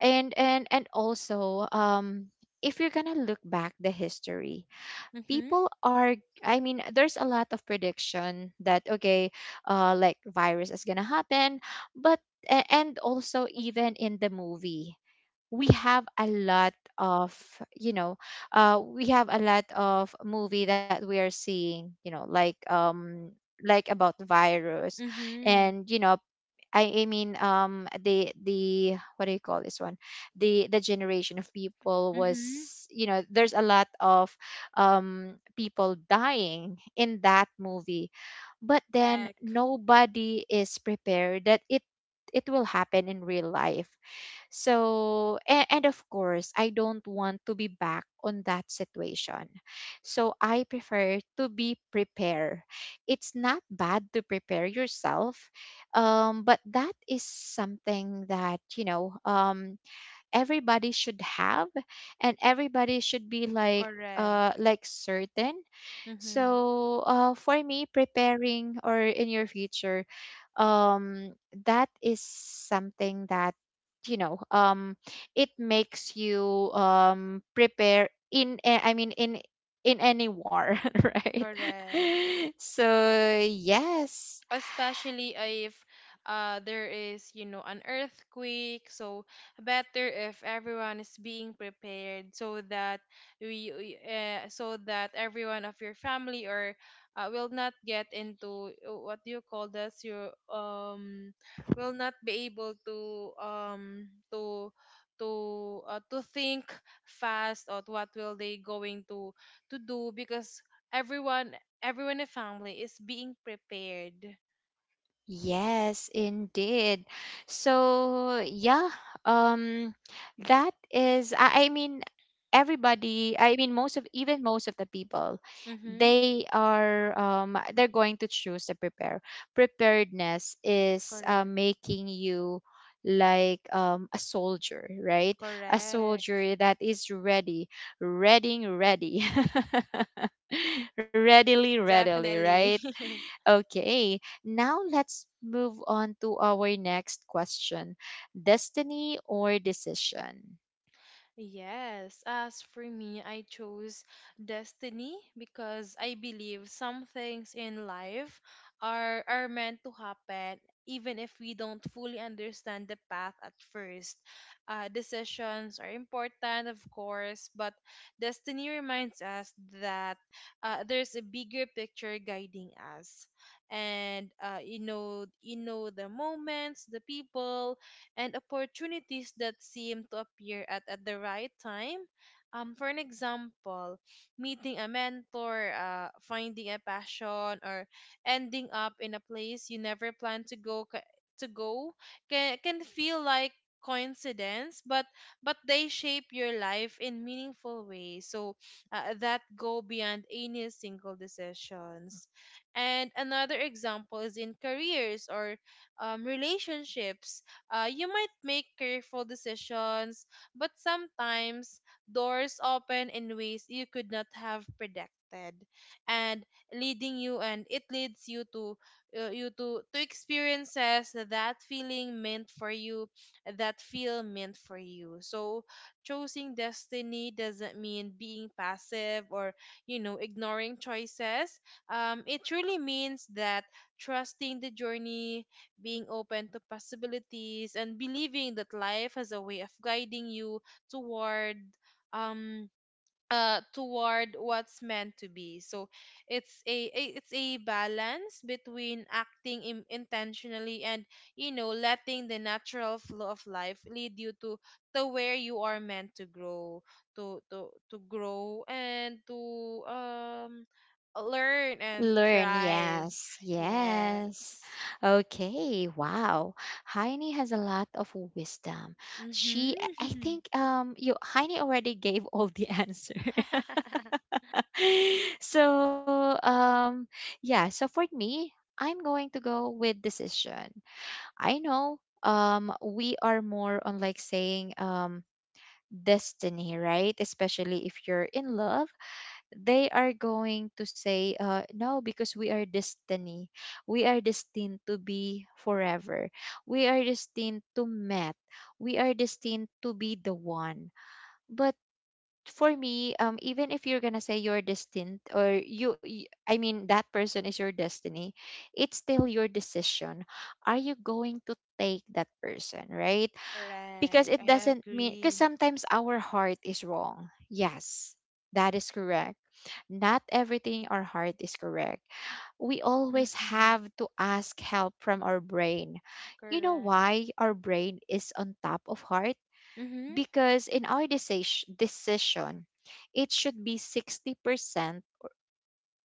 [SPEAKER 1] And and and also, um if you're gonna look back the history,
[SPEAKER 2] Mhm.
[SPEAKER 1] people are, i mean there's a lot of prediction that okay, uh like virus is gonna happen, but a- and also even in the movie, we have a lot of, you know, uh we have a lot of movie that we are seeing, you know, like, um like about virus.
[SPEAKER 2] Mhm.
[SPEAKER 1] And you know, I, I mean, um the the what do you call this one? The the generation of people
[SPEAKER 2] Mhm.
[SPEAKER 1] was, you know, there's a lot of, um people dying in that movie, but then
[SPEAKER 2] Correct.
[SPEAKER 1] nobody is prepared that it it will happen in real life. So, and, and of course, I don't want to be back on that situation. So, I prefer to be prepared. It's not bad to prepare yourself, um, but that is something that, you know, um, everybody should have and everybody should be like, uh,
[SPEAKER 2] Correct.
[SPEAKER 1] like certain.
[SPEAKER 2] Mhm.
[SPEAKER 1] So, uh, for me, preparing or in your future, um, that is something that, you know, um, it makes you, um prepare in. a- I mean, in in any war, right?
[SPEAKER 2] Correct.
[SPEAKER 1] So yes.
[SPEAKER 2] Especially if uh, there is, you know, an earthquake. So better if everyone is being prepared, so that we we, uh, so that everyone of your family or uh, will not get into uh, what do you call this, you um will not be able to um to to uh, to think fast on what will they going to to do, because everyone, everyone in the family is being prepared.
[SPEAKER 1] Yes, indeed. So, yeah, um, that is, I, I mean, everybody, I mean, most of, even most of the people,
[SPEAKER 2] Mm-hmm.
[SPEAKER 1] they are, um, they're going to choose to prepare. Preparedness is, uh,
[SPEAKER 2] Correct.
[SPEAKER 1] making you like, um, a soldier, right? A
[SPEAKER 2] Correct.
[SPEAKER 1] soldier that is ready, readying ready, readily, readily,
[SPEAKER 2] Definitely.
[SPEAKER 1] right? Okay, now let's move on to our next question. Destiny or decision?
[SPEAKER 2] Yes, as for me, I chose destiny because I believe some things in life are are meant to happen, even if we don't fully understand the path at first. Uh, decisions are important, of course, but destiny reminds us that uh, there's a bigger picture guiding us. And, uh, you know, you know the moments, the people, and opportunities that seem to appear at, at the right time. Um, for an example, meeting a mentor, uh, finding a passion, or ending up in a place you never planned to go ca- to go, can can feel like coincidence, but but they shape your life in meaningful ways, so uh, that go beyond any single decisions. And another example is in careers or um, relationships. Uh, you might make careful decisions, but sometimes doors open in ways you could not have predicted, and leading you and it leads you to, uh, you to to experiences that feeling meant for you, that feel meant for you. So choosing destiny doesn't mean being passive or, you know, ignoring choices. Um, it truly means that trusting the journey, being open to possibilities, and believing that life has a way of guiding you toward um uh toward what's meant to be. So it's a, a it's a balance between acting im- intentionally and, you know, letting the natural flow of life lead you to to where you are meant to grow, to to to grow and to um learn and
[SPEAKER 1] Learn,
[SPEAKER 2] thrive.
[SPEAKER 1] yes, yes.
[SPEAKER 2] Yes.
[SPEAKER 1] Okay, wow. Heine has a lot of wisdom. She, I
[SPEAKER 2] Mm-hmm.
[SPEAKER 1] think, um, you Heine already gave all the answer. So, um, yeah. So for me, I'm going to go with decision. I know, um we are more on like saying, um destiny, right? Especially if you're in love, they are going to say, uh no, because we are destiny. We are destined to be forever. We are destined to met. We are destined to be the one. But for me, um, even if you're gonna say you're destined or you, y- I mean, that person is your destiny, it's still your decision. Are you going to take that person, right? Because
[SPEAKER 2] Correct.
[SPEAKER 1] it
[SPEAKER 2] I
[SPEAKER 1] doesn't mean, because
[SPEAKER 2] agree.
[SPEAKER 1] sometimes our heart is wrong. Yes, that is correct. Not everything our heart is correct, we always
[SPEAKER 2] Mm-hmm.
[SPEAKER 1] have to ask help from our brain. You know
[SPEAKER 2] Correct.
[SPEAKER 1] why our brain is on top of heart?
[SPEAKER 2] Mm-hmm.
[SPEAKER 1] Because in our decis- decision, it should be sixty percent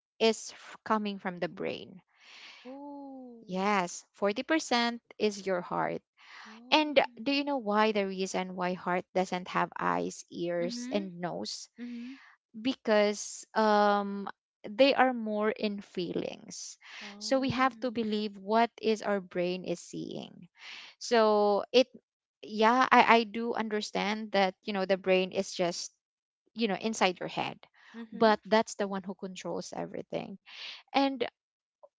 [SPEAKER 1] is f- coming from the brain.
[SPEAKER 2] Oh.
[SPEAKER 1] Yes, forty percent is your heart. And do
[SPEAKER 2] Oh.
[SPEAKER 1] you know why, the reason why heart doesn't have eyes, ears,
[SPEAKER 2] Mm-hmm.
[SPEAKER 1] and nose?
[SPEAKER 2] Mm-hmm.
[SPEAKER 1] Because um they are more in feelings. So we have to
[SPEAKER 2] Oh.
[SPEAKER 1] believe what is our brain is seeing. So it Yeah, I, I do understand that, you know, the brain is just, you know, inside your head.
[SPEAKER 2] Mm-hmm.
[SPEAKER 1] But that's the one who controls everything. And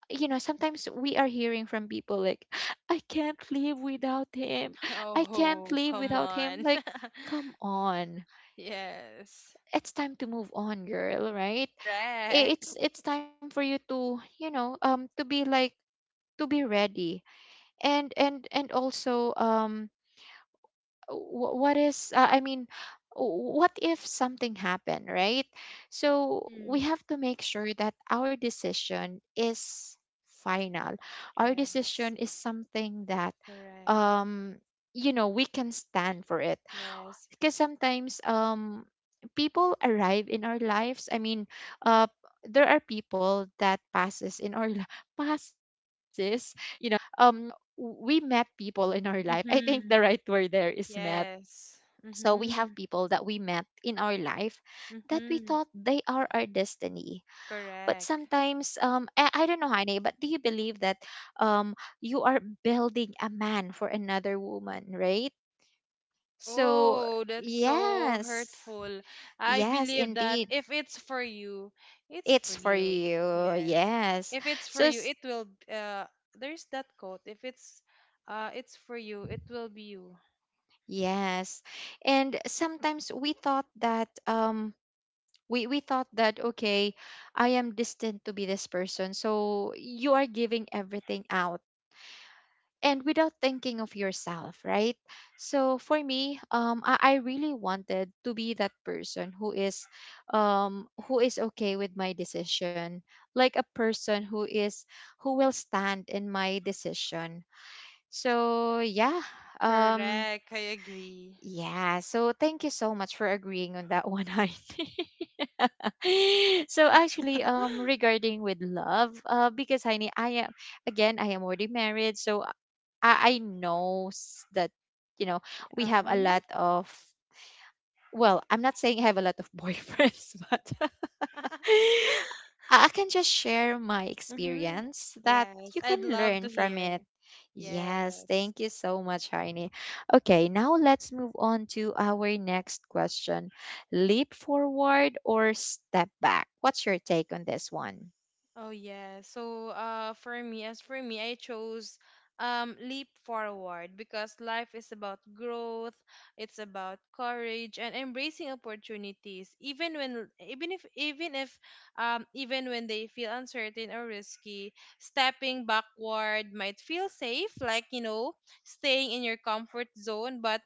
[SPEAKER 1] you know, sometimes we are hearing from people like, I can't live without him, I can't
[SPEAKER 2] Oh,
[SPEAKER 1] live
[SPEAKER 2] come
[SPEAKER 1] without him.
[SPEAKER 2] on.
[SPEAKER 1] Like, come on.
[SPEAKER 2] Yes.
[SPEAKER 1] It's time to move on, girl, right?
[SPEAKER 2] Correct.
[SPEAKER 1] It's it's time for you to, you know, um to be like, to be ready. And and and also, um wh- what is uh, I mean w- what if something happened, right? So we
[SPEAKER 2] Mm.
[SPEAKER 1] have to make sure that our decision is final. Our
[SPEAKER 2] Yes.
[SPEAKER 1] decision is something that,
[SPEAKER 2] Correct.
[SPEAKER 1] um you know, we can stand for it.
[SPEAKER 2] Yes.
[SPEAKER 1] Because sometimes, um people arrive in our lives. i mean uh there are people that passes in our li- passes, you know. um we met people in our life. I think the
[SPEAKER 2] Mm-hmm.
[SPEAKER 1] right word there is met.
[SPEAKER 2] Yes.
[SPEAKER 1] So we have
[SPEAKER 2] Mm-hmm.
[SPEAKER 1] people that we met in our life that we
[SPEAKER 2] Mm-hmm.
[SPEAKER 1] thought they are our destiny. But
[SPEAKER 2] Correct.
[SPEAKER 1] sometimes, um, I, I don't know, honey, but do you believe that, um, you are building a man for another woman, right? So,
[SPEAKER 2] Oh, that's so
[SPEAKER 1] yes.
[SPEAKER 2] hurtful. I
[SPEAKER 1] Yes,
[SPEAKER 2] believe that
[SPEAKER 1] indeed.
[SPEAKER 2] if it's for you, it's for
[SPEAKER 1] It's for
[SPEAKER 2] you.
[SPEAKER 1] you.
[SPEAKER 2] Yes.
[SPEAKER 1] Yes.
[SPEAKER 2] If it's for
[SPEAKER 1] So,
[SPEAKER 2] you,
[SPEAKER 1] s-
[SPEAKER 2] it will uh there's that quote. If it's uh it's for you, it will be you.
[SPEAKER 1] yes. And sometimes we thought that, um, we we thought that, okay, I am destined to be this person, so you are giving everything out and without thinking of yourself, right? So for me, um i, I really wanted to be that person who is, um who is okay with my decision, like a person who is who will stand in my decision. So yeah. um
[SPEAKER 2] Correct. I agree.
[SPEAKER 1] yeah, so thank you so much for agreeing on that one, Heidi. So actually, um, regarding with love, uh, because Heini, I am, again, I am already married. So I, I know s- that, you know, we have a
[SPEAKER 2] Um,
[SPEAKER 1] lot of. Well, I'm not saying I have a lot of boyfriends, but I I can just share my
[SPEAKER 2] mhm.
[SPEAKER 1] experience that
[SPEAKER 2] Yes,
[SPEAKER 1] you
[SPEAKER 2] I'd
[SPEAKER 1] can
[SPEAKER 2] love to
[SPEAKER 1] learn from
[SPEAKER 2] hear.
[SPEAKER 1] it. Yes,
[SPEAKER 2] Yes.
[SPEAKER 1] thank you so much, Heine. Okay, now let's move on to our next question. Leap forward or step back? What's your take on this one?
[SPEAKER 2] Oh yeah. So uh for me as for me I chose um leap forward because life is about growth, it's about courage and embracing opportunities even when even if even if um even when they feel uncertain or risky. Stepping backward might feel safe, like you know, staying in your comfort zone, but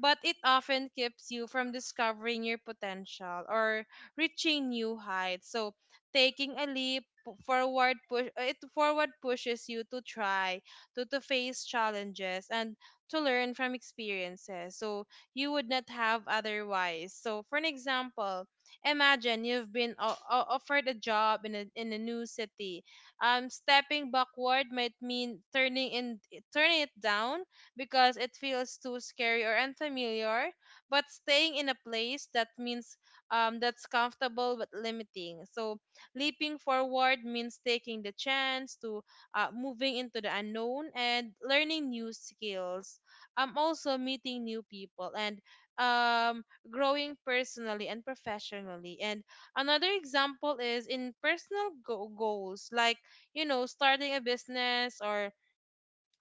[SPEAKER 2] but it often keeps you from discovering your potential or reaching new heights. So taking a leap pu- forward push uh, it forward pushes you to try to, to face challenges and to learn from experiences so you would not have otherwise. So for an example, imagine you've been o- o- offered a job in a, in a new city. Um stepping backward might mean turning in turning it down because it feels too scary or unfamiliar, but staying in a place that means um that's comfortable but limiting. So leaping forward means taking the chance to uh, moving into the unknown and learning new skills. Um, also meeting new people and um, growing personally and professionally. And another example is in personal go- goals, like you know, starting a business or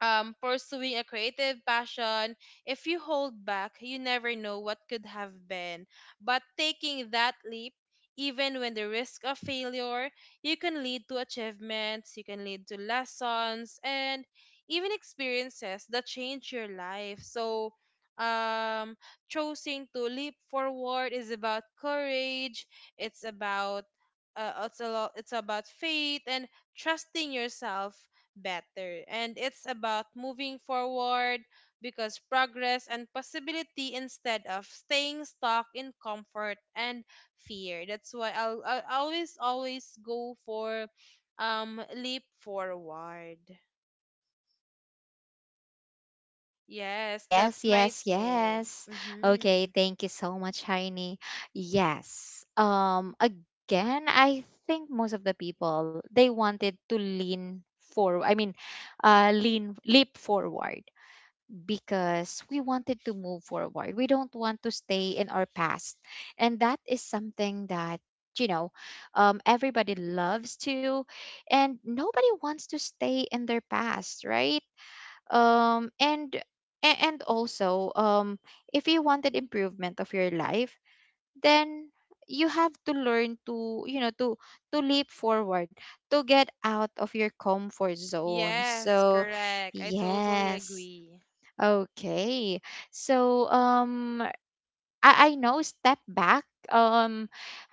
[SPEAKER 2] um, pursuing a creative passion. If you hold back, you never know what could have been. But taking that leap, even when the risk of failure, you can lead to achievements, you can lead to lessons, and even experiences that change your life. So, um, Choosing to leap forward is about courage. It's about uh, it's a lot. It's about faith and trusting yourself better. And it's about moving forward because progress and possibility instead of staying stuck in comfort and fear. That's why I'll, I'll always, always go for um leap forward. Yes,
[SPEAKER 1] Yes,
[SPEAKER 2] that's my
[SPEAKER 1] yes,
[SPEAKER 2] take.
[SPEAKER 1] yes. Okay,
[SPEAKER 2] Mm-hmm.
[SPEAKER 1] thank you so much, Heini. Yes. Um, again, I think most of the people they wanted to lean forward. I mean, uh, lean leap forward because we wanted to move forward. We don't want to stay in our past, and that is something that, you know, um, everybody loves to, and nobody wants to stay in their past, right? um and a- and also, um if you wanted improvement of your life, then you have to learn to, you know, to to leap forward, to get out of your comfort zone.
[SPEAKER 2] Yes,
[SPEAKER 1] So,
[SPEAKER 2] correct. I totally
[SPEAKER 1] yes.
[SPEAKER 2] agree.
[SPEAKER 1] Okay. So, um I, I know step back. um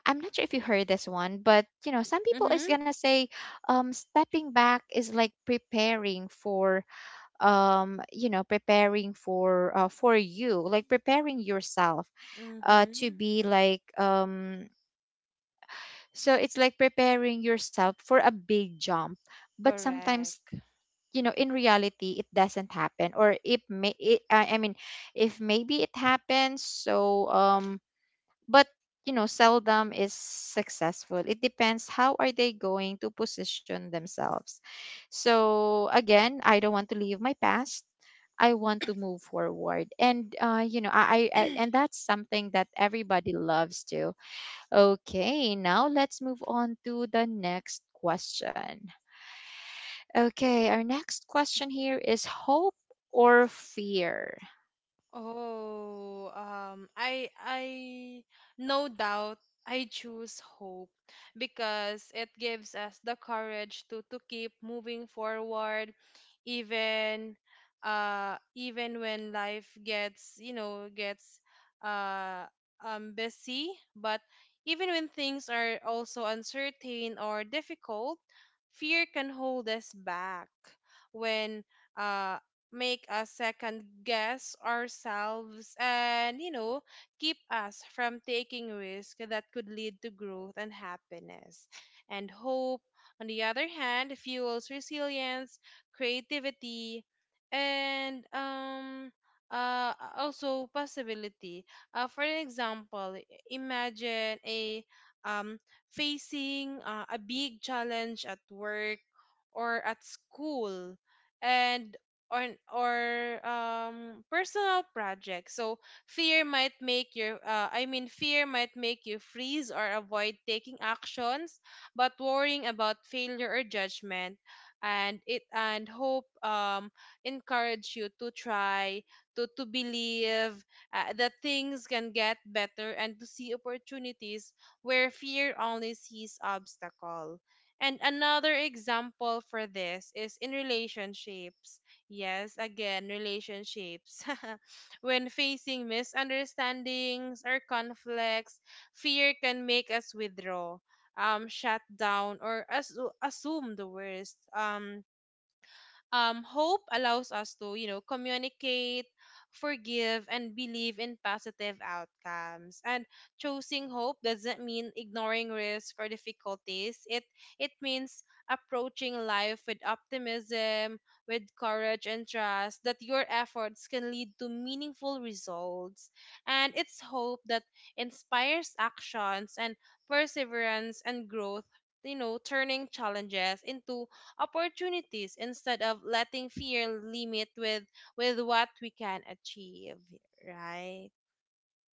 [SPEAKER 1] I'm not sure if you heard this one, but, you know, some people is
[SPEAKER 2] Mm-hmm.
[SPEAKER 1] gonna say, um stepping back is like preparing for, um you know, preparing for, uh, for you, like preparing yourself uh to
[SPEAKER 2] Mm-hmm.
[SPEAKER 1] be like, um so it's like preparing yourself for a big jump. But sometimes,
[SPEAKER 2] Correct.
[SPEAKER 1] you know, in reality, it doesn't happen, or it may, it, I I mean if maybe it happens. So, um but, you know, seldom is successful. It depends how are they going to position themselves. So again, I don't want to leave my past. I want to move forward. And uh, you know, I, I I- and that's something that everybody loves to. Okay, now let's move on to the next question. Okay, our next question here is hope or fear.
[SPEAKER 2] Oh, um, I I no doubt, I choose hope because it gives us the courage to to keep moving forward, even uh even when life gets, you know, gets uh um busy. But even when things are also uncertain or difficult, fear can hold us back when uh make us second guess ourselves, and you know, keep us from taking risks that could lead to growth and happiness. And hope, on the other hand, fuels resilience, creativity, and um uh, also possibility. Uh, for an example, i- imagine a um, facing uh, a big challenge at work or at school and or an- or um personal projects. So fear might make your uh, i mean fear might make you freeze or avoid taking actions, but worrying about failure or judgment. And it and hope, um encourage you to try, to to believe uh, that things can get better, and to see opportunities where fear only sees obstacle. And another example for this is in relationships. Yes, again, relationships. When facing misunderstandings or conflicts, fear can make us withdraw, um, shut down, or as- assume the worst. Um, um, hope allows us to, you know, communicate, forgive, and believe in positive outcomes. And choosing hope doesn't mean ignoring risk or difficulties. It it means approaching life with optimism, with courage and trust that your efforts can lead to meaningful results. And it's hope that inspires actions and perseverance and growth, you know, turning challenges into opportunities instead of letting fear limit with with what we can achieve, right?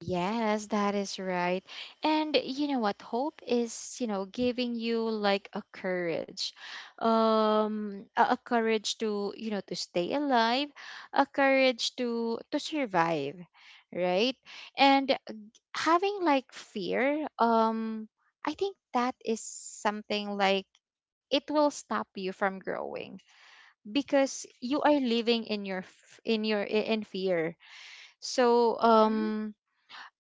[SPEAKER 1] Yes, that is right. And you know what? Hope is, you know, giving you like a courage, um, a, a courage to, you know, to stay alive, a courage to to survive, right? And uh, having like fear, um, I think that is something like it will stop you from growing because you are living in your f- in your i- in fear. So,
[SPEAKER 2] Mm-hmm.
[SPEAKER 1] um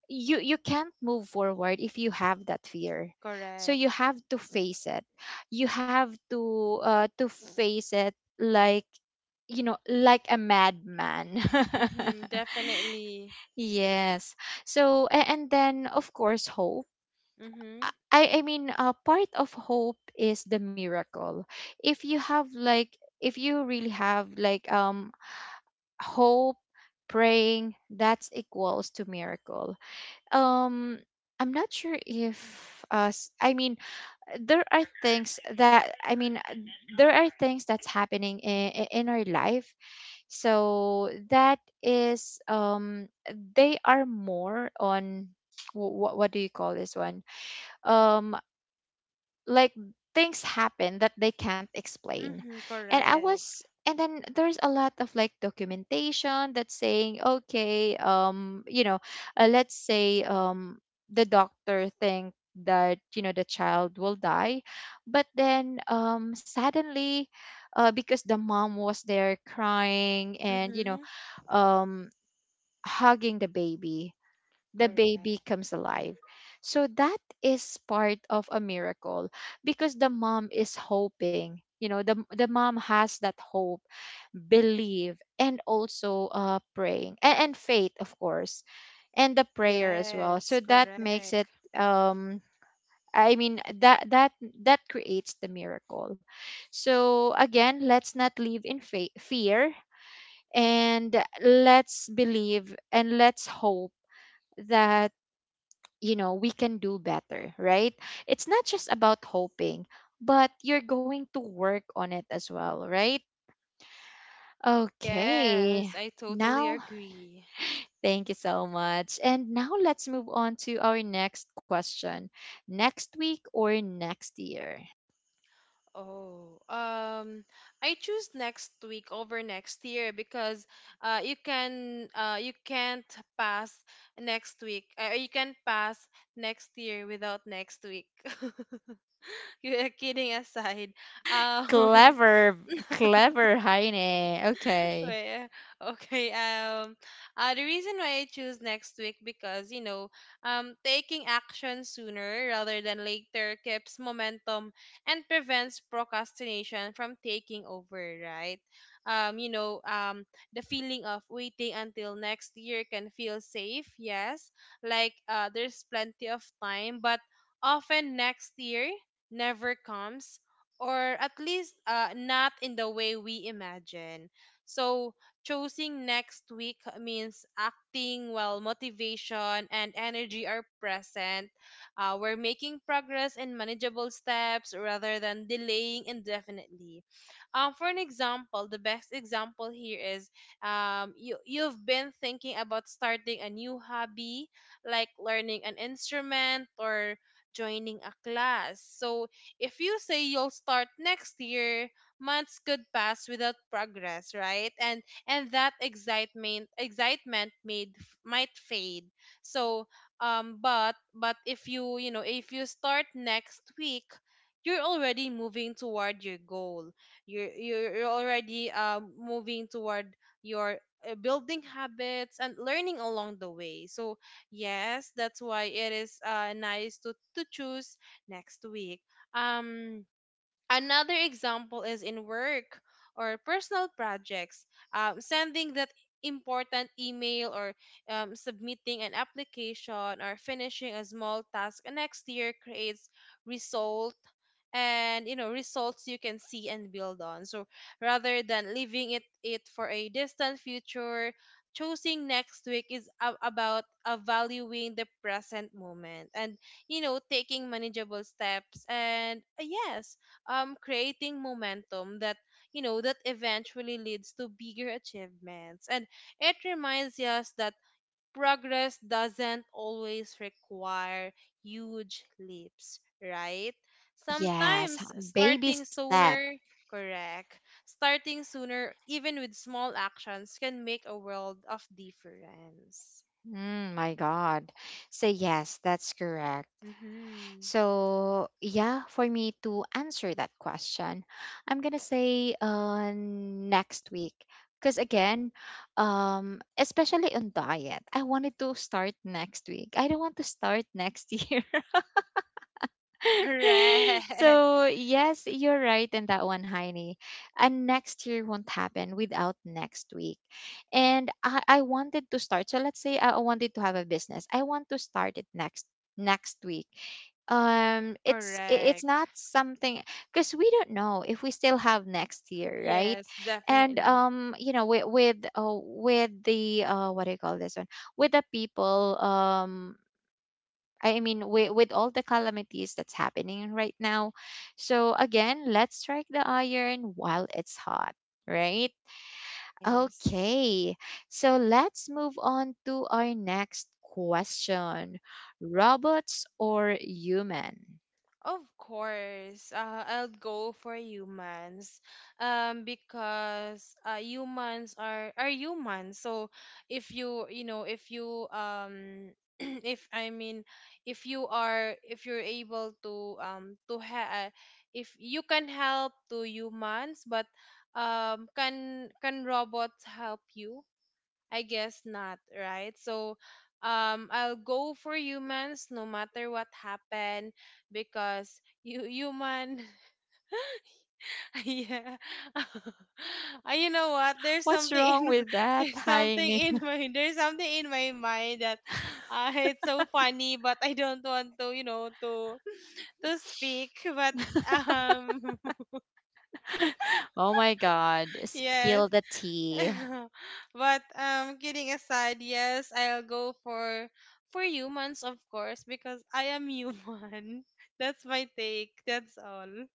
[SPEAKER 1] you you can't move forward if you have that fear. So you
[SPEAKER 2] Correct.
[SPEAKER 1] have to face it. You have to, uh to face it, like, you know, like a madman.
[SPEAKER 2] Mm-hmm. Definitely.
[SPEAKER 1] Yes. So a- and then of course, hope.
[SPEAKER 2] Mm-hmm.
[SPEAKER 1] I i I mean uh, part of hope is the miracle. If you have like, if you really have like, um hope, praying, that's equals to miracle. Um, I'm not sure if us. I mean, there are things that, I mean, uh, there are things that's happening in, in our life. So that is, um, they are more on, what what do you call this one? Um, like, things happen that they can't explain.
[SPEAKER 2] Mm-hmm.
[SPEAKER 1] And I
[SPEAKER 2] Correct.
[SPEAKER 1] was And then there's a lot of like documentation that's saying, okay, um you know, uh, let's say, um the doctor think that, you know, the child will die, but then, um suddenly, uh, because the mom was there crying, and you know,
[SPEAKER 2] Mm-hmm.
[SPEAKER 1] um hugging the baby, the
[SPEAKER 2] Correct.
[SPEAKER 1] baby comes alive. So that is part of a miracle because the mom is hoping. You know, the the mom has that hope, believe, and also, uh, praying, and, and faith, of course, and the prayer as well.
[SPEAKER 2] Yes,
[SPEAKER 1] So that makes it.
[SPEAKER 2] correct.
[SPEAKER 1] Um, I mean that, that that creates the miracle. So again, let's not live in fa- fear, and let's believe, and let's hope that, you know, we can do better, right? It's not just about hoping, but you're going to work on it as well, right? Okay,
[SPEAKER 2] Yes, I totally
[SPEAKER 1] now,
[SPEAKER 2] agree.
[SPEAKER 1] thank you so much, and now let's move on to our next question. Next week or next year?
[SPEAKER 2] Oh, um, I choose next week over next year because uh, you can uh, you can't pass next week. Uh, you can pass next year without next week. You're kidding aside. Um,
[SPEAKER 1] clever Clever Heine. Okay.
[SPEAKER 2] Well, okay. Um, uh, The reason why I choose next week because you know, um, taking action sooner rather than later keeps momentum and prevents procrastination from taking over, right? Um, you know, um, the feeling of waiting until next year can feel safe. Yes, like uh, there's plenty of time, but often next year never comes. Or at least uh, not in the way we imagine. So choosing next week means acting while motivation and energy are present. Uh, we're making progress in manageable steps rather than delaying indefinitely. Um, for an example, the best example here is um, you, you've been thinking about starting a new hobby, like learning an instrument or joining a class. So if you say you'll start next year, months could pass without progress, right? And and that excitement excitement made might fade. So um but but if you, you know, if you start next week, you're already moving toward your goal. You're you're, you're already um, moving toward your uh, building habits and learning along the way. So yes, that's why it is, uh, nice to to choose next week. um Another example is in work or personal projects. Um, sending that important email, or um, submitting an application, or finishing a small task next year creates result. And you know, results you can see and build on. So rather than leaving it it for a distant future, choosing next week is a- about valuing the present moment, and you know, taking manageable steps, and uh, yes, um creating momentum that, you know, that eventually leads to bigger achievements. And it reminds us that progress doesn't always require huge leaps, right?
[SPEAKER 1] Yes,
[SPEAKER 2] Sometimes
[SPEAKER 1] baby
[SPEAKER 2] starting
[SPEAKER 1] step.
[SPEAKER 2] sooner. Correct. Starting sooner, even with small actions, can make a world of difference.
[SPEAKER 1] Mm, my God. So, yes, that's correct.
[SPEAKER 2] Mm-hmm.
[SPEAKER 1] So, yeah, for me to answer that question, I'm going to say uh, next week. Because again, um, especially on diet, I wanted to start next week. I don't want to start next year.
[SPEAKER 2] Correct.
[SPEAKER 1] So, yes, you're right in that one, Heini. And next year won't happen without next week. And I, I wanted to start. So, let's say I I wanted to have a business, I want to start it next next week. um it's i- it's
[SPEAKER 2] Correct.
[SPEAKER 1] not something. Because we don't know if we still have next year, right?
[SPEAKER 2] Yes,
[SPEAKER 1] And
[SPEAKER 2] definitely.
[SPEAKER 1] um you know, with with, uh, with the, uh what do you call this one, with the people, um I mean, with, with all the calamities that's happening right now. So, again, let's strike the iron while it's hot, right?
[SPEAKER 2] Nice.
[SPEAKER 1] Okay. So, let's move on to our next question. Robots or human?
[SPEAKER 2] Of course, uh, I'll go for humans, um, because uh, humans are are humans. So if you, you know, if you um if I mean if you are, if you're able to um to ha- uh, if you can help to humans, but um can can robots help you? I guess not, right? So, um, I'll go for humans no matter what happened, because you human, yeah. Uh, you know what? There's
[SPEAKER 1] What's
[SPEAKER 2] something in
[SPEAKER 1] wrong
[SPEAKER 2] my-
[SPEAKER 1] with that,
[SPEAKER 2] there's something
[SPEAKER 1] Heini?
[SPEAKER 2] in my There's something in my mind that uh, it's so funny, but I don't want to, you know, to to speak, but um
[SPEAKER 1] Oh my God,
[SPEAKER 2] yes
[SPEAKER 1] spill the tea.
[SPEAKER 2] but um kidding aside, yes, I'll go for for humans, of course, because I am human. That's my take. That's all.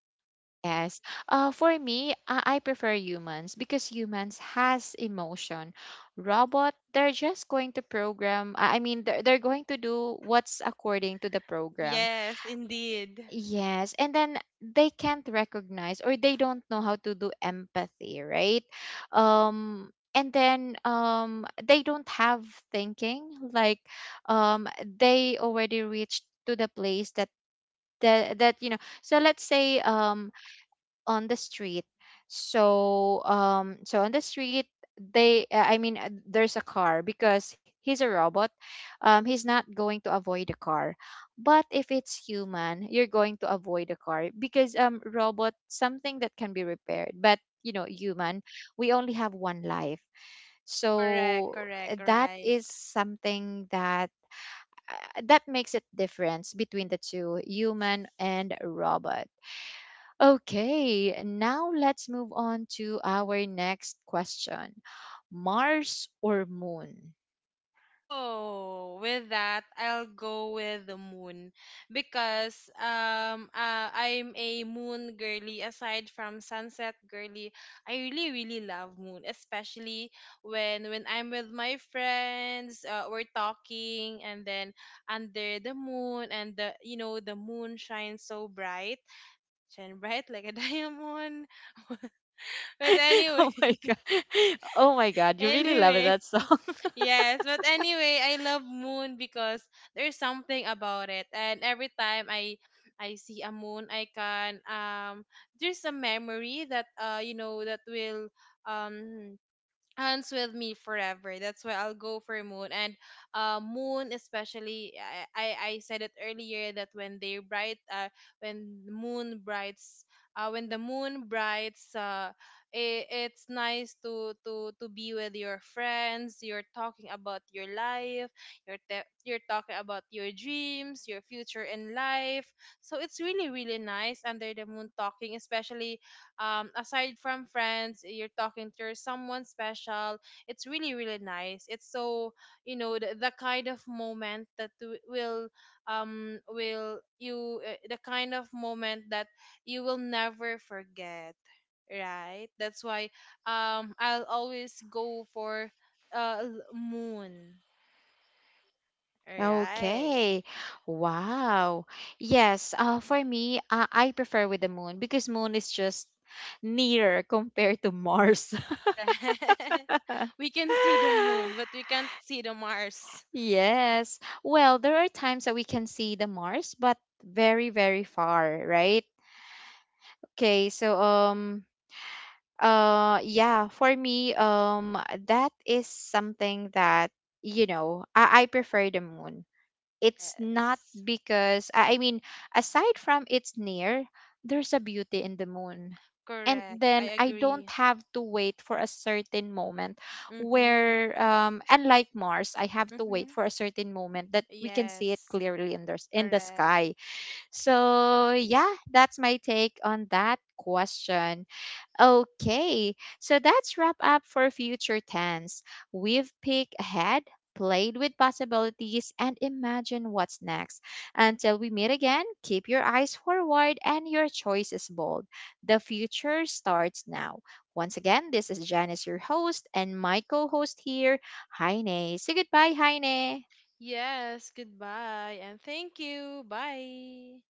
[SPEAKER 1] Yes. Uh, for me, I, I prefer humans because humans has emotion. Robot, they're just going to program. I I mean, they're, they're going to do what's according to the program.
[SPEAKER 2] Yes, indeed.
[SPEAKER 1] Yes, and then they can't recognize, or they don't know how to do empathy, right? Um and then, um they don't have thinking like, um they already reached to the place that, that, that, you know. So let's say, um on the street. So, um so on the street, they, uh, I mean uh, there's a car because he's a robot. Um he's not going to avoid the car. But if it's human, you're going to avoid the car. Because, um robot something that can be repaired. But you know, human, we only have one life.
[SPEAKER 2] Correct,
[SPEAKER 1] So, uh,
[SPEAKER 2] correct,
[SPEAKER 1] that
[SPEAKER 2] right.
[SPEAKER 1] is something that, uh, that makes it difference between the two, human and robot. Okay, now let's move on to our next question. Mars or Moon?
[SPEAKER 2] Oh, with that, I'll go with the moon, because um uh, I'm a moon girly. Aside from sunset girly, I really, really love moon, especially when when I'm with my friends. Uh, we're talking, and then under the moon, and the, you know, the moon shines so bright, shine bright like a diamond. But anyway,
[SPEAKER 1] Oh my God. Oh my God, you really love
[SPEAKER 2] anyway.
[SPEAKER 1] that song.
[SPEAKER 2] Yes, but anyway, I love moon because there's something about it, and every time I I see a moon icon, um, there's a memory that, uh, you know, that will um hands with me forever. That's why I'll go for Moon, and uh, Moon especially. I, I I said it earlier that when they bright uh when the Moon brights uh when the Moon brights. Uh, I it's nice to to to be with your friends. You're talking about your life. You're te- you're talking about your dreams, your future in life. So it's really, really nice under the moon talking, especially, um, aside from friends, you're talking to someone special. It's really, really nice. It's so, you know, the, the kind of moment that w- will, um, will you, uh, the kind of moment that you will never forget, right? That's why, um, I'll always go for, uh, l- moon, right?
[SPEAKER 1] Okay. Wow. Yes, uh, for me, uh, I prefer with the moon because moon is just nearer compared to Mars.
[SPEAKER 2] Correct. We can see the moon, but we can't see the Mars.
[SPEAKER 1] Yes. Well, there are times that we can see the Mars, but very, very far, right? Okay, so um Uh, yeah, for me, um, that is something that, you know, I, I prefer the moon. It's not
[SPEAKER 2] Yes.
[SPEAKER 1] because, I I mean, aside from its near, there's a beauty in the moon. And
[SPEAKER 2] Correct.
[SPEAKER 1] then
[SPEAKER 2] I
[SPEAKER 1] I don't
[SPEAKER 2] agree.
[SPEAKER 1] have to wait for a certain moment
[SPEAKER 2] Mm-hmm.
[SPEAKER 1] where, um, unlike Mars, I have to wait
[SPEAKER 2] Mm-hmm.
[SPEAKER 1] for a certain moment that we can see it
[SPEAKER 2] Yes.
[SPEAKER 1] clearly in the, in the
[SPEAKER 2] Correct.
[SPEAKER 1] sky. So, yeah, that's my take on that question. Okay, so that's wrap up for future tense. We've peeked ahead, played with possibilities, and imagined what's next. Until we meet again, keep your eyes forward and your choices bold. The future starts now. Once again, this is Janice, your host, and my co host here, Heine. Say goodbye, Heine.
[SPEAKER 2] Yes. Goodbye. And thank you. Bye.